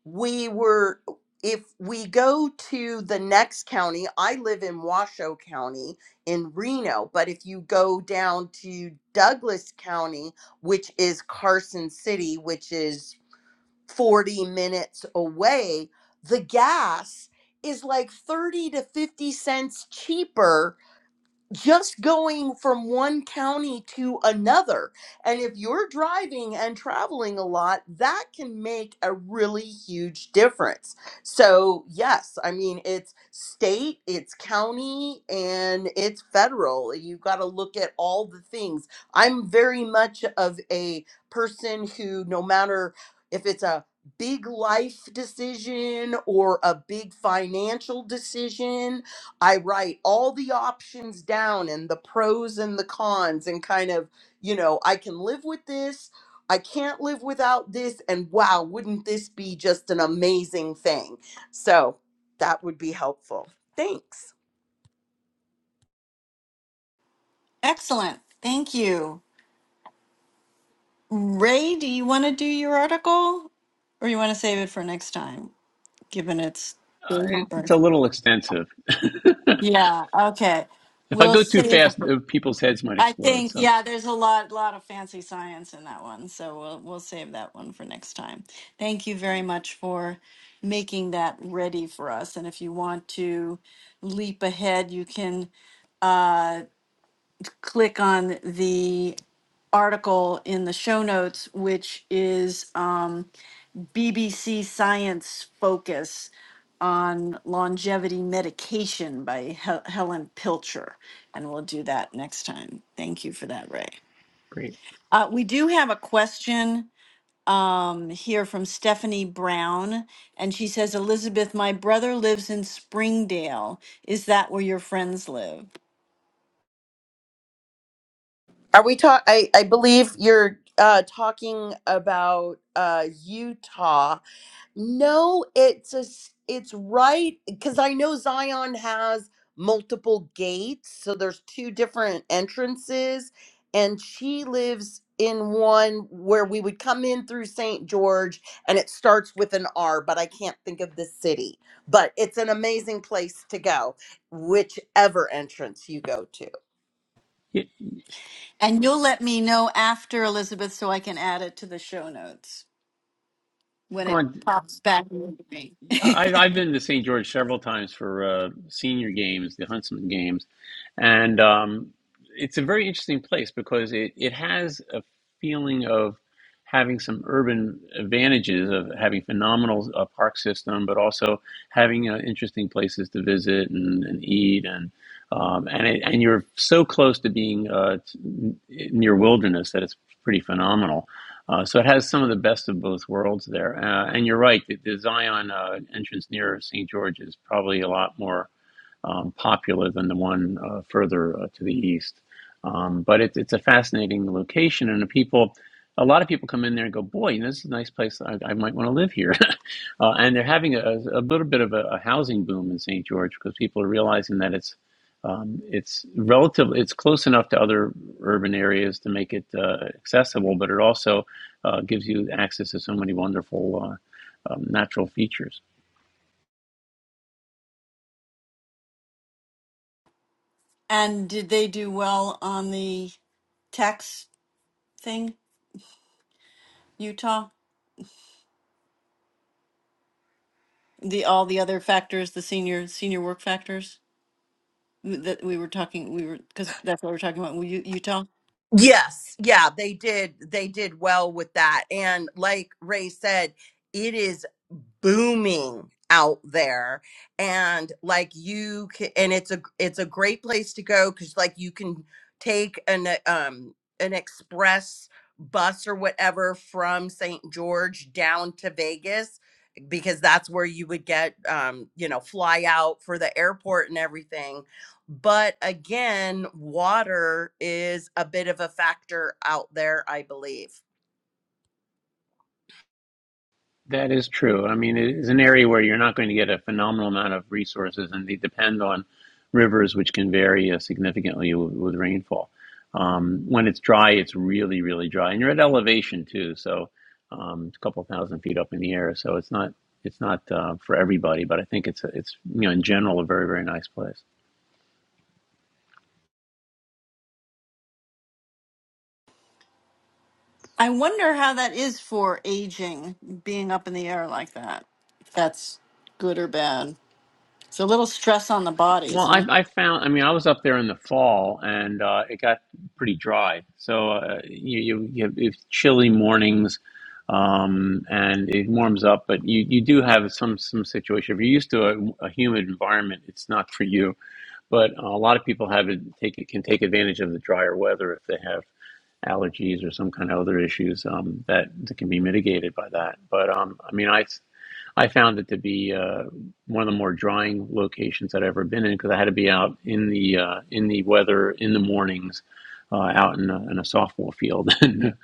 Speaker 3: we were if we go to the next county, I live in Washoe County in Reno, but if you go down to Douglas County, which is Carson City, which is 40 minutes away, the gas is like 30 to 50 cents cheaper just going from one county to another. And if you're driving and traveling a lot, that can make a really huge difference. So, yes, I mean, it's state, it's county, and it's federal. You've got to look at all the things. I'm very much of a person who, no matter if it's a big life decision or a big financial decision I write all the options down and the pros and the cons, and kind of, you know, I can live with this, I can't live without this, and wow, wouldn't this be just an amazing thing? So that would be helpful. Thanks.
Speaker 1: Excellent. Thank you. Ray, do you want to do your article or you want to save it for next time, given it's
Speaker 2: Uh, it, it's a
Speaker 1: birth?
Speaker 2: little extensive. if
Speaker 1: Yeah, okay.
Speaker 2: I
Speaker 1: We'll
Speaker 2: go too
Speaker 1: save
Speaker 2: fast, uh, people's heads might
Speaker 1: I
Speaker 2: explode.
Speaker 1: think
Speaker 2: So
Speaker 1: yeah, there's a lot lot of fancy science in that one, so we'll we'll save that one for next time. Thank you very much for making that ready for us. And if you want to leap ahead, you can uh, click on the article in the show notes, which is um, BBC Science Focus on Longevity Medication by Hel- Helen Pilcher. And we'll do that next time. Thank you for that, Ray.
Speaker 2: great.
Speaker 1: Uh, we do have a question um, here from Stephanie Brown. And she says, Elizabeth, my brother lives in Springdale. Is that where your friends live?
Speaker 3: Are we talk? I, I believe you're uh, talking about uh, Utah No, it's a, s- it's right because I know Zion has multiple gates, so there's two different entrances, and she lives in one where we would come in through St. George, and it starts with an R, but I can't think of the city. But it's an amazing place to go, whichever entrance you go to.
Speaker 2: Yeah,
Speaker 1: And you'll let me know after, Elizabeth, so I can add it to the show notes when it
Speaker 2: Glenn,
Speaker 1: pops back. into me.
Speaker 2: I, I've been to St. George several times for uh, senior games, the Huntsman games, and um, it's a very interesting place because it, it has a feeling of having some urban advantages of having phenomenal uh, park system, but also having uh, interesting places to visit and, and eat and um, and it, and you're so close to being uh, t- near wilderness that it's pretty phenomenal. Uh, so it has some of the best of both worlds there. Uh, and you're right, the, the Zion uh, entrance near St. George is probably a lot more um, popular than the one uh, further uh, to the east. Um, but it's it's a fascinating location, and the people, a lot of people come in there and go, "Boy, this is a nice place. I, I might want to live here." uh, and they're having a, a little bit of a, a housing boom in St. George because people are realizing that it's um, it's relatively it's close enough to other urban areas to make it uh, accessible, but it also uh, gives you access to so many wonderful uh, um, natural features.
Speaker 1: And did they do well on the tax thing, Utah? The all the other factors, the senior senior work factors that we were talking, we were because that's what we're talking about. Wu- Utah.
Speaker 3: Yes, yeah, they did. They did well with that, and like Ray said. It is. booming out there and like you can, and it's a it's a great place to go cuz like you can take an uh, um an express bus or whatever from St. George down to Vegas because that's where you would get um you know fly out for the airport and everything but again water is a bit of a factor out there i believe
Speaker 2: That is true. I mean, it is an area where you're not going to get a phenomenal amount of resources, and they depend on rivers, which can vary uh, significantly with, with rainfall. Um, when it's dry, it's really, really dry, and you're at elevation too, so um, it's a couple thousand feet up in the air. So it's not it's not uh, for everybody, but I think it's a, it's you know in general a very very nice place.
Speaker 1: I wonder how that is for aging, being up in the air like that. If that's good or bad. It's a little stress on the body,
Speaker 2: Well,
Speaker 1: isn't
Speaker 2: I,
Speaker 1: it?
Speaker 2: I found, I mean, I was up there in the fall and uh, it got pretty dry. So uh, you, you, you have it's chilly mornings um, and it warms up, but you, you do have some, some situation. If you're used to a, a humid environment, it's not for you. But a lot of people have it, take it, can take advantage of the drier weather if they have allergies or some kind of other issues um, that, that can be mitigated by that. But um, I mean, I, I found it to be uh, one of the more drying locations I'd ever been in because I had to be out in the uh, in the weather in the mornings, uh, out in a, in a softball field, and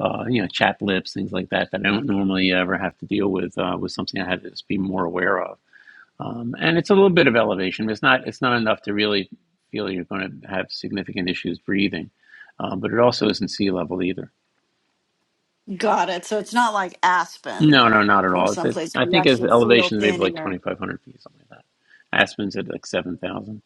Speaker 2: uh, you know, chapped lips, things like that that I don't normally ever have to deal with. Uh, was something I had to just be more aware of. Um, and it's a little bit of elevation. but It's not it's not enough to really feel you're going to have significant issues breathing, um, but it also isn't sea level either.
Speaker 1: Got it. So it's not like Aspen
Speaker 2: No, no, not at
Speaker 1: or
Speaker 2: all. It's it,
Speaker 1: someplace
Speaker 2: I
Speaker 1: where you
Speaker 2: think his
Speaker 1: actually feel
Speaker 2: elevation is maybe like
Speaker 1: thin air.
Speaker 2: 2,500 feet, something like that. Aspen's at like 7,000.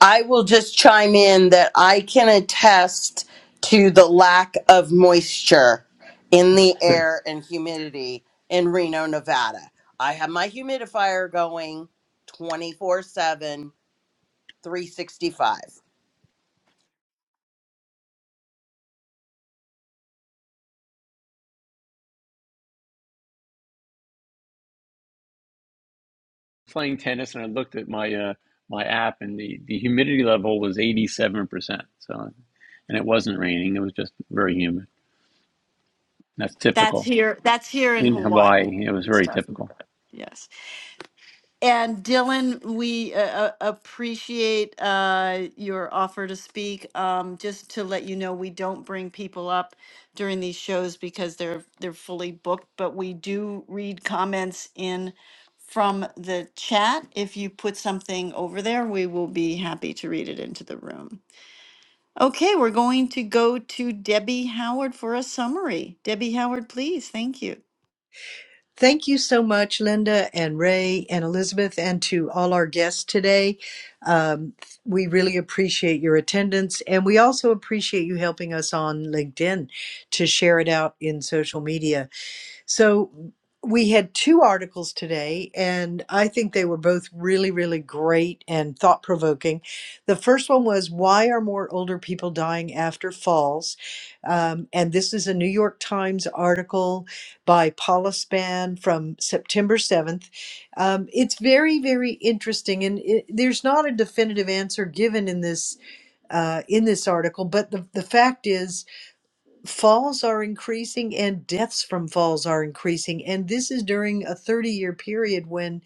Speaker 3: I will just chime in that I can attest to the lack of moisture in the air and humidity in Reno, Nevada. I have my humidifier going twenty-four-seven, three sixty-five.
Speaker 2: Playing tennis, and I looked at my uh, my app, and the, the humidity level was 87%. So, and it wasn't raining; it was just very humid. That's
Speaker 1: That's
Speaker 2: typical
Speaker 1: here. That's here in
Speaker 2: in
Speaker 1: Hawaii.
Speaker 2: Hawaii. It was
Speaker 1: and
Speaker 2: very
Speaker 1: stuff.
Speaker 2: typical.
Speaker 1: Yes. And Dylan, we uh, uh, appreciate uh, your offer to speak. Um, just to let you know, we don't bring people up during these shows because they're they're fully booked, but we do read comments in from the chat. If you put something over there, we will be happy to read it into the room. Okay, we're going to go to Debbie Howard for a summary. Debbie Howard, please. Thank you.
Speaker 4: Thank you so much, Linda and Ray and Elizabeth, and to all our guests today. Um, we really appreciate your attendance, and we also appreciate you helping us on LinkedIn to share it out in social media. So we had two articles today, and I think they were both really, really great and thought provoking. The first one was Why Are More Older People Dying After Falls? Um, and this is a New York Times article by Paula Spann from September 7th. Um, it's very, very interesting, and it, there's not a definitive answer given in this. Uh, in this article, but the, the fact is, falls are increasing and deaths from falls are increasing. And this is during a 30 year period when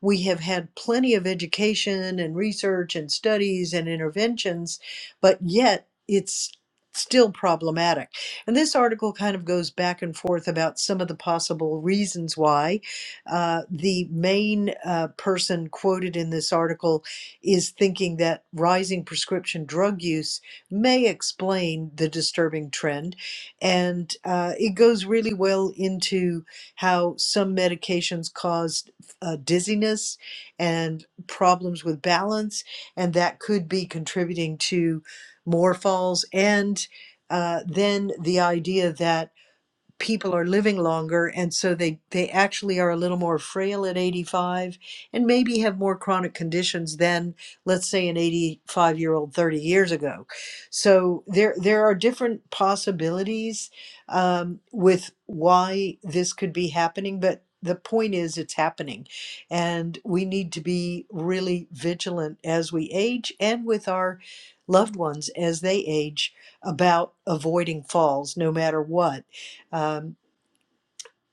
Speaker 4: we have had plenty of education and research and studies and interventions, but yet it's still problematic. And this article kind of goes back and forth about some of the possible reasons why. Uh, the main uh, person quoted in this article is thinking that rising prescription drug use may explain the disturbing trend and uh, it goes really well into how some medications cause uh, dizziness and problems with balance, and that could be contributing to more falls. And uh, then the idea that people are living longer and so they they actually are a little more frail at 85 and maybe have more chronic conditions than let's say an 85 year old 30 years ago so there there are different possibilities um, with why this could be happening but the point is it's happening and we need to be really vigilant as we age and with our loved ones as they age about avoiding falls no matter what um,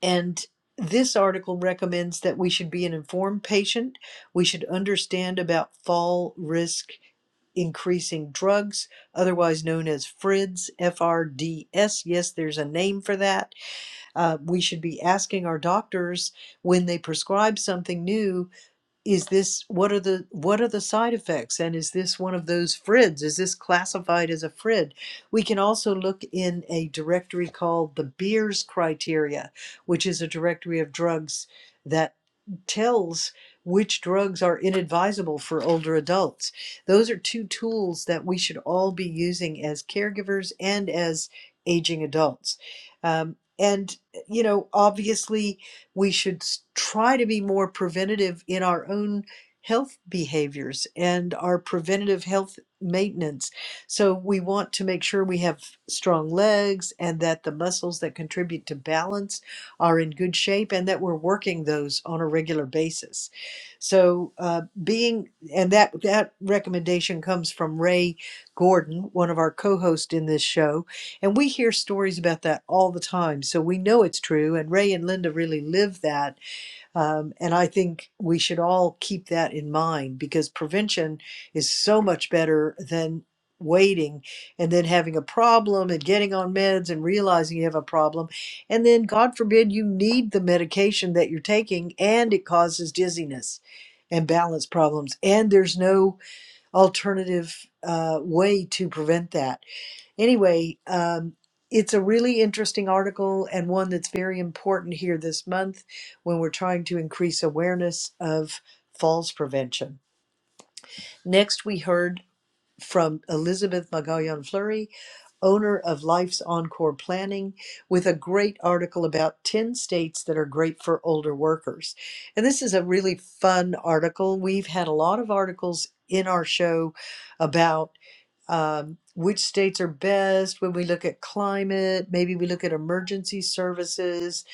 Speaker 4: and this article recommends that we should be an informed patient. We should understand about fall risk increasing drugs, otherwise known as FRIDS, F R D S. Yes, there's a name for that. Uh, we should be asking our doctors when they prescribe something new is this what are the what are the side effects and is this one of those frids is this classified as a frid we can also look in a directory called the beers criteria which is a directory of drugs that tells which drugs are inadvisable for older adults. Those are two tools that we should all be using as caregivers and as aging adults. Um, and, you know, obviously, we should try to be more preventative in our own health behaviors and our preventative health maintenance. So, we want to make sure we have strong legs and that the muscles that contribute to balance are in good shape and that we're working those on a regular basis. So uh, being and that that recommendation comes from Ray Gordon, one of our co-hosts in this show, and we hear stories about that all the time. So we know it's true, and Ray and Linda really live that um, and I think we should all keep that in mind because prevention is so much better than waiting and then having a problem and getting on meds and realizing you have a problem. And then, God forbid, you need the medication that you're taking and it causes dizziness and balance problems. And there's no alternative uh, way to prevent that. Anyway, um, it's a really interesting article and one that's very important here this month when we're trying to increase awareness of falls prevention. Next, we heard from Elizabeth Magallan Fleury, owner of Life's Encore Planning, with a great article about 10 states that are great for older workers. And this is a really fun article. We've had a lot of articles in our show about um, which states are best when we look at climate, maybe we look at emergency services.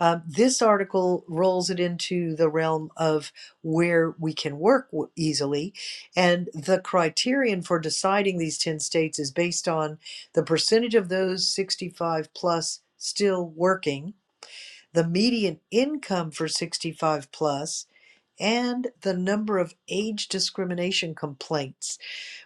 Speaker 4: Um, this article rolls it into the realm of where we can work w- easily. And the criterion for deciding these 10 states is based on the percentage of those 65 plus still working, the median income for 65 plus, and the number of age discrimination complaints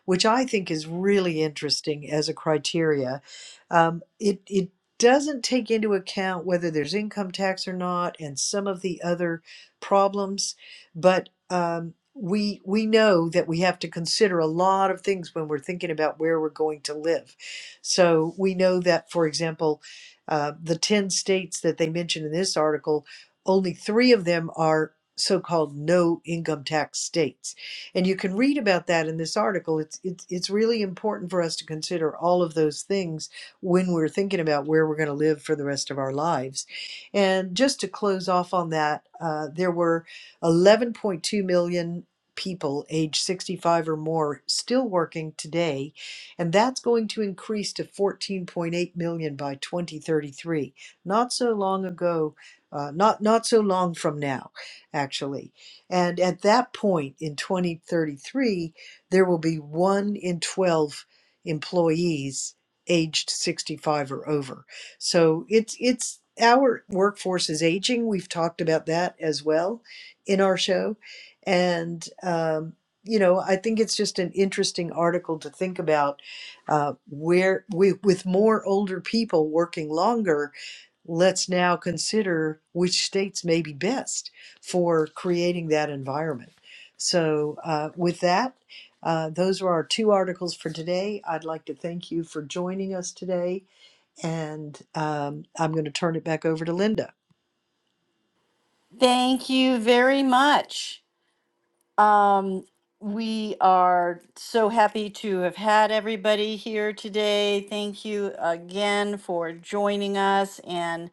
Speaker 4: which I think is really interesting as a criteria. Um, it, it doesn't take into account whether there's income tax or not and some of the other problems, but um, we, we know that we have to consider a lot of things when we're thinking about where we're going to live. So we know that, for example, uh, the 10 states that they mentioned in this article, only three of them are so called no income tax states and you can read about that in this article. It's it's it's really important for us to consider all of those things when we're thinking about where we're going to live for the rest of our lives. And just to close off on that, uh, there were 11.2 million people age 65 or more still working today, and that's going to increase to 14.8 million by 2033. Not so long ago, uh, not not so long from now, actually. And at that point in 2033, there will be one in 12 employees aged 65 or over. So it's, it's, our workforce is aging. We've talked about that as well in our show. And, um, you know, I think it's just an interesting article to think about uh, where we, with more older people working longer, let's now consider which states may be best for creating that environment. So, uh, with that, uh, those are our two articles for today. I'd like to thank you for joining us today, and um, I'm going to turn it back over to Linda.
Speaker 1: Thank you very much. Um, we are so happy to have had everybody here today. Thank you again for joining us and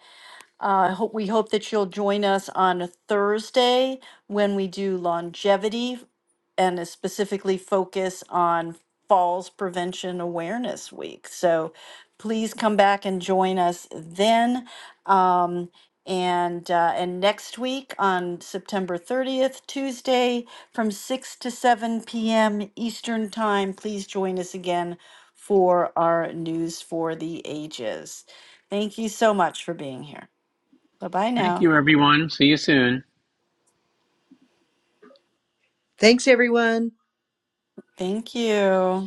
Speaker 1: uh, I hope, we hope that you'll join us on a Thursday when we do longevity and is specifically focus on Falls Prevention Awareness Week. So please come back and join us then. Um, and uh, and next week on September 30th, Tuesday, from 6 to 7 p.m. Eastern Time, please join us again for our News for the Ages. Thank you so much for being here. Bye bye
Speaker 2: Thank
Speaker 1: now.
Speaker 2: you, everyone. See you soon.
Speaker 4: Thanks, everyone.
Speaker 1: Thank you.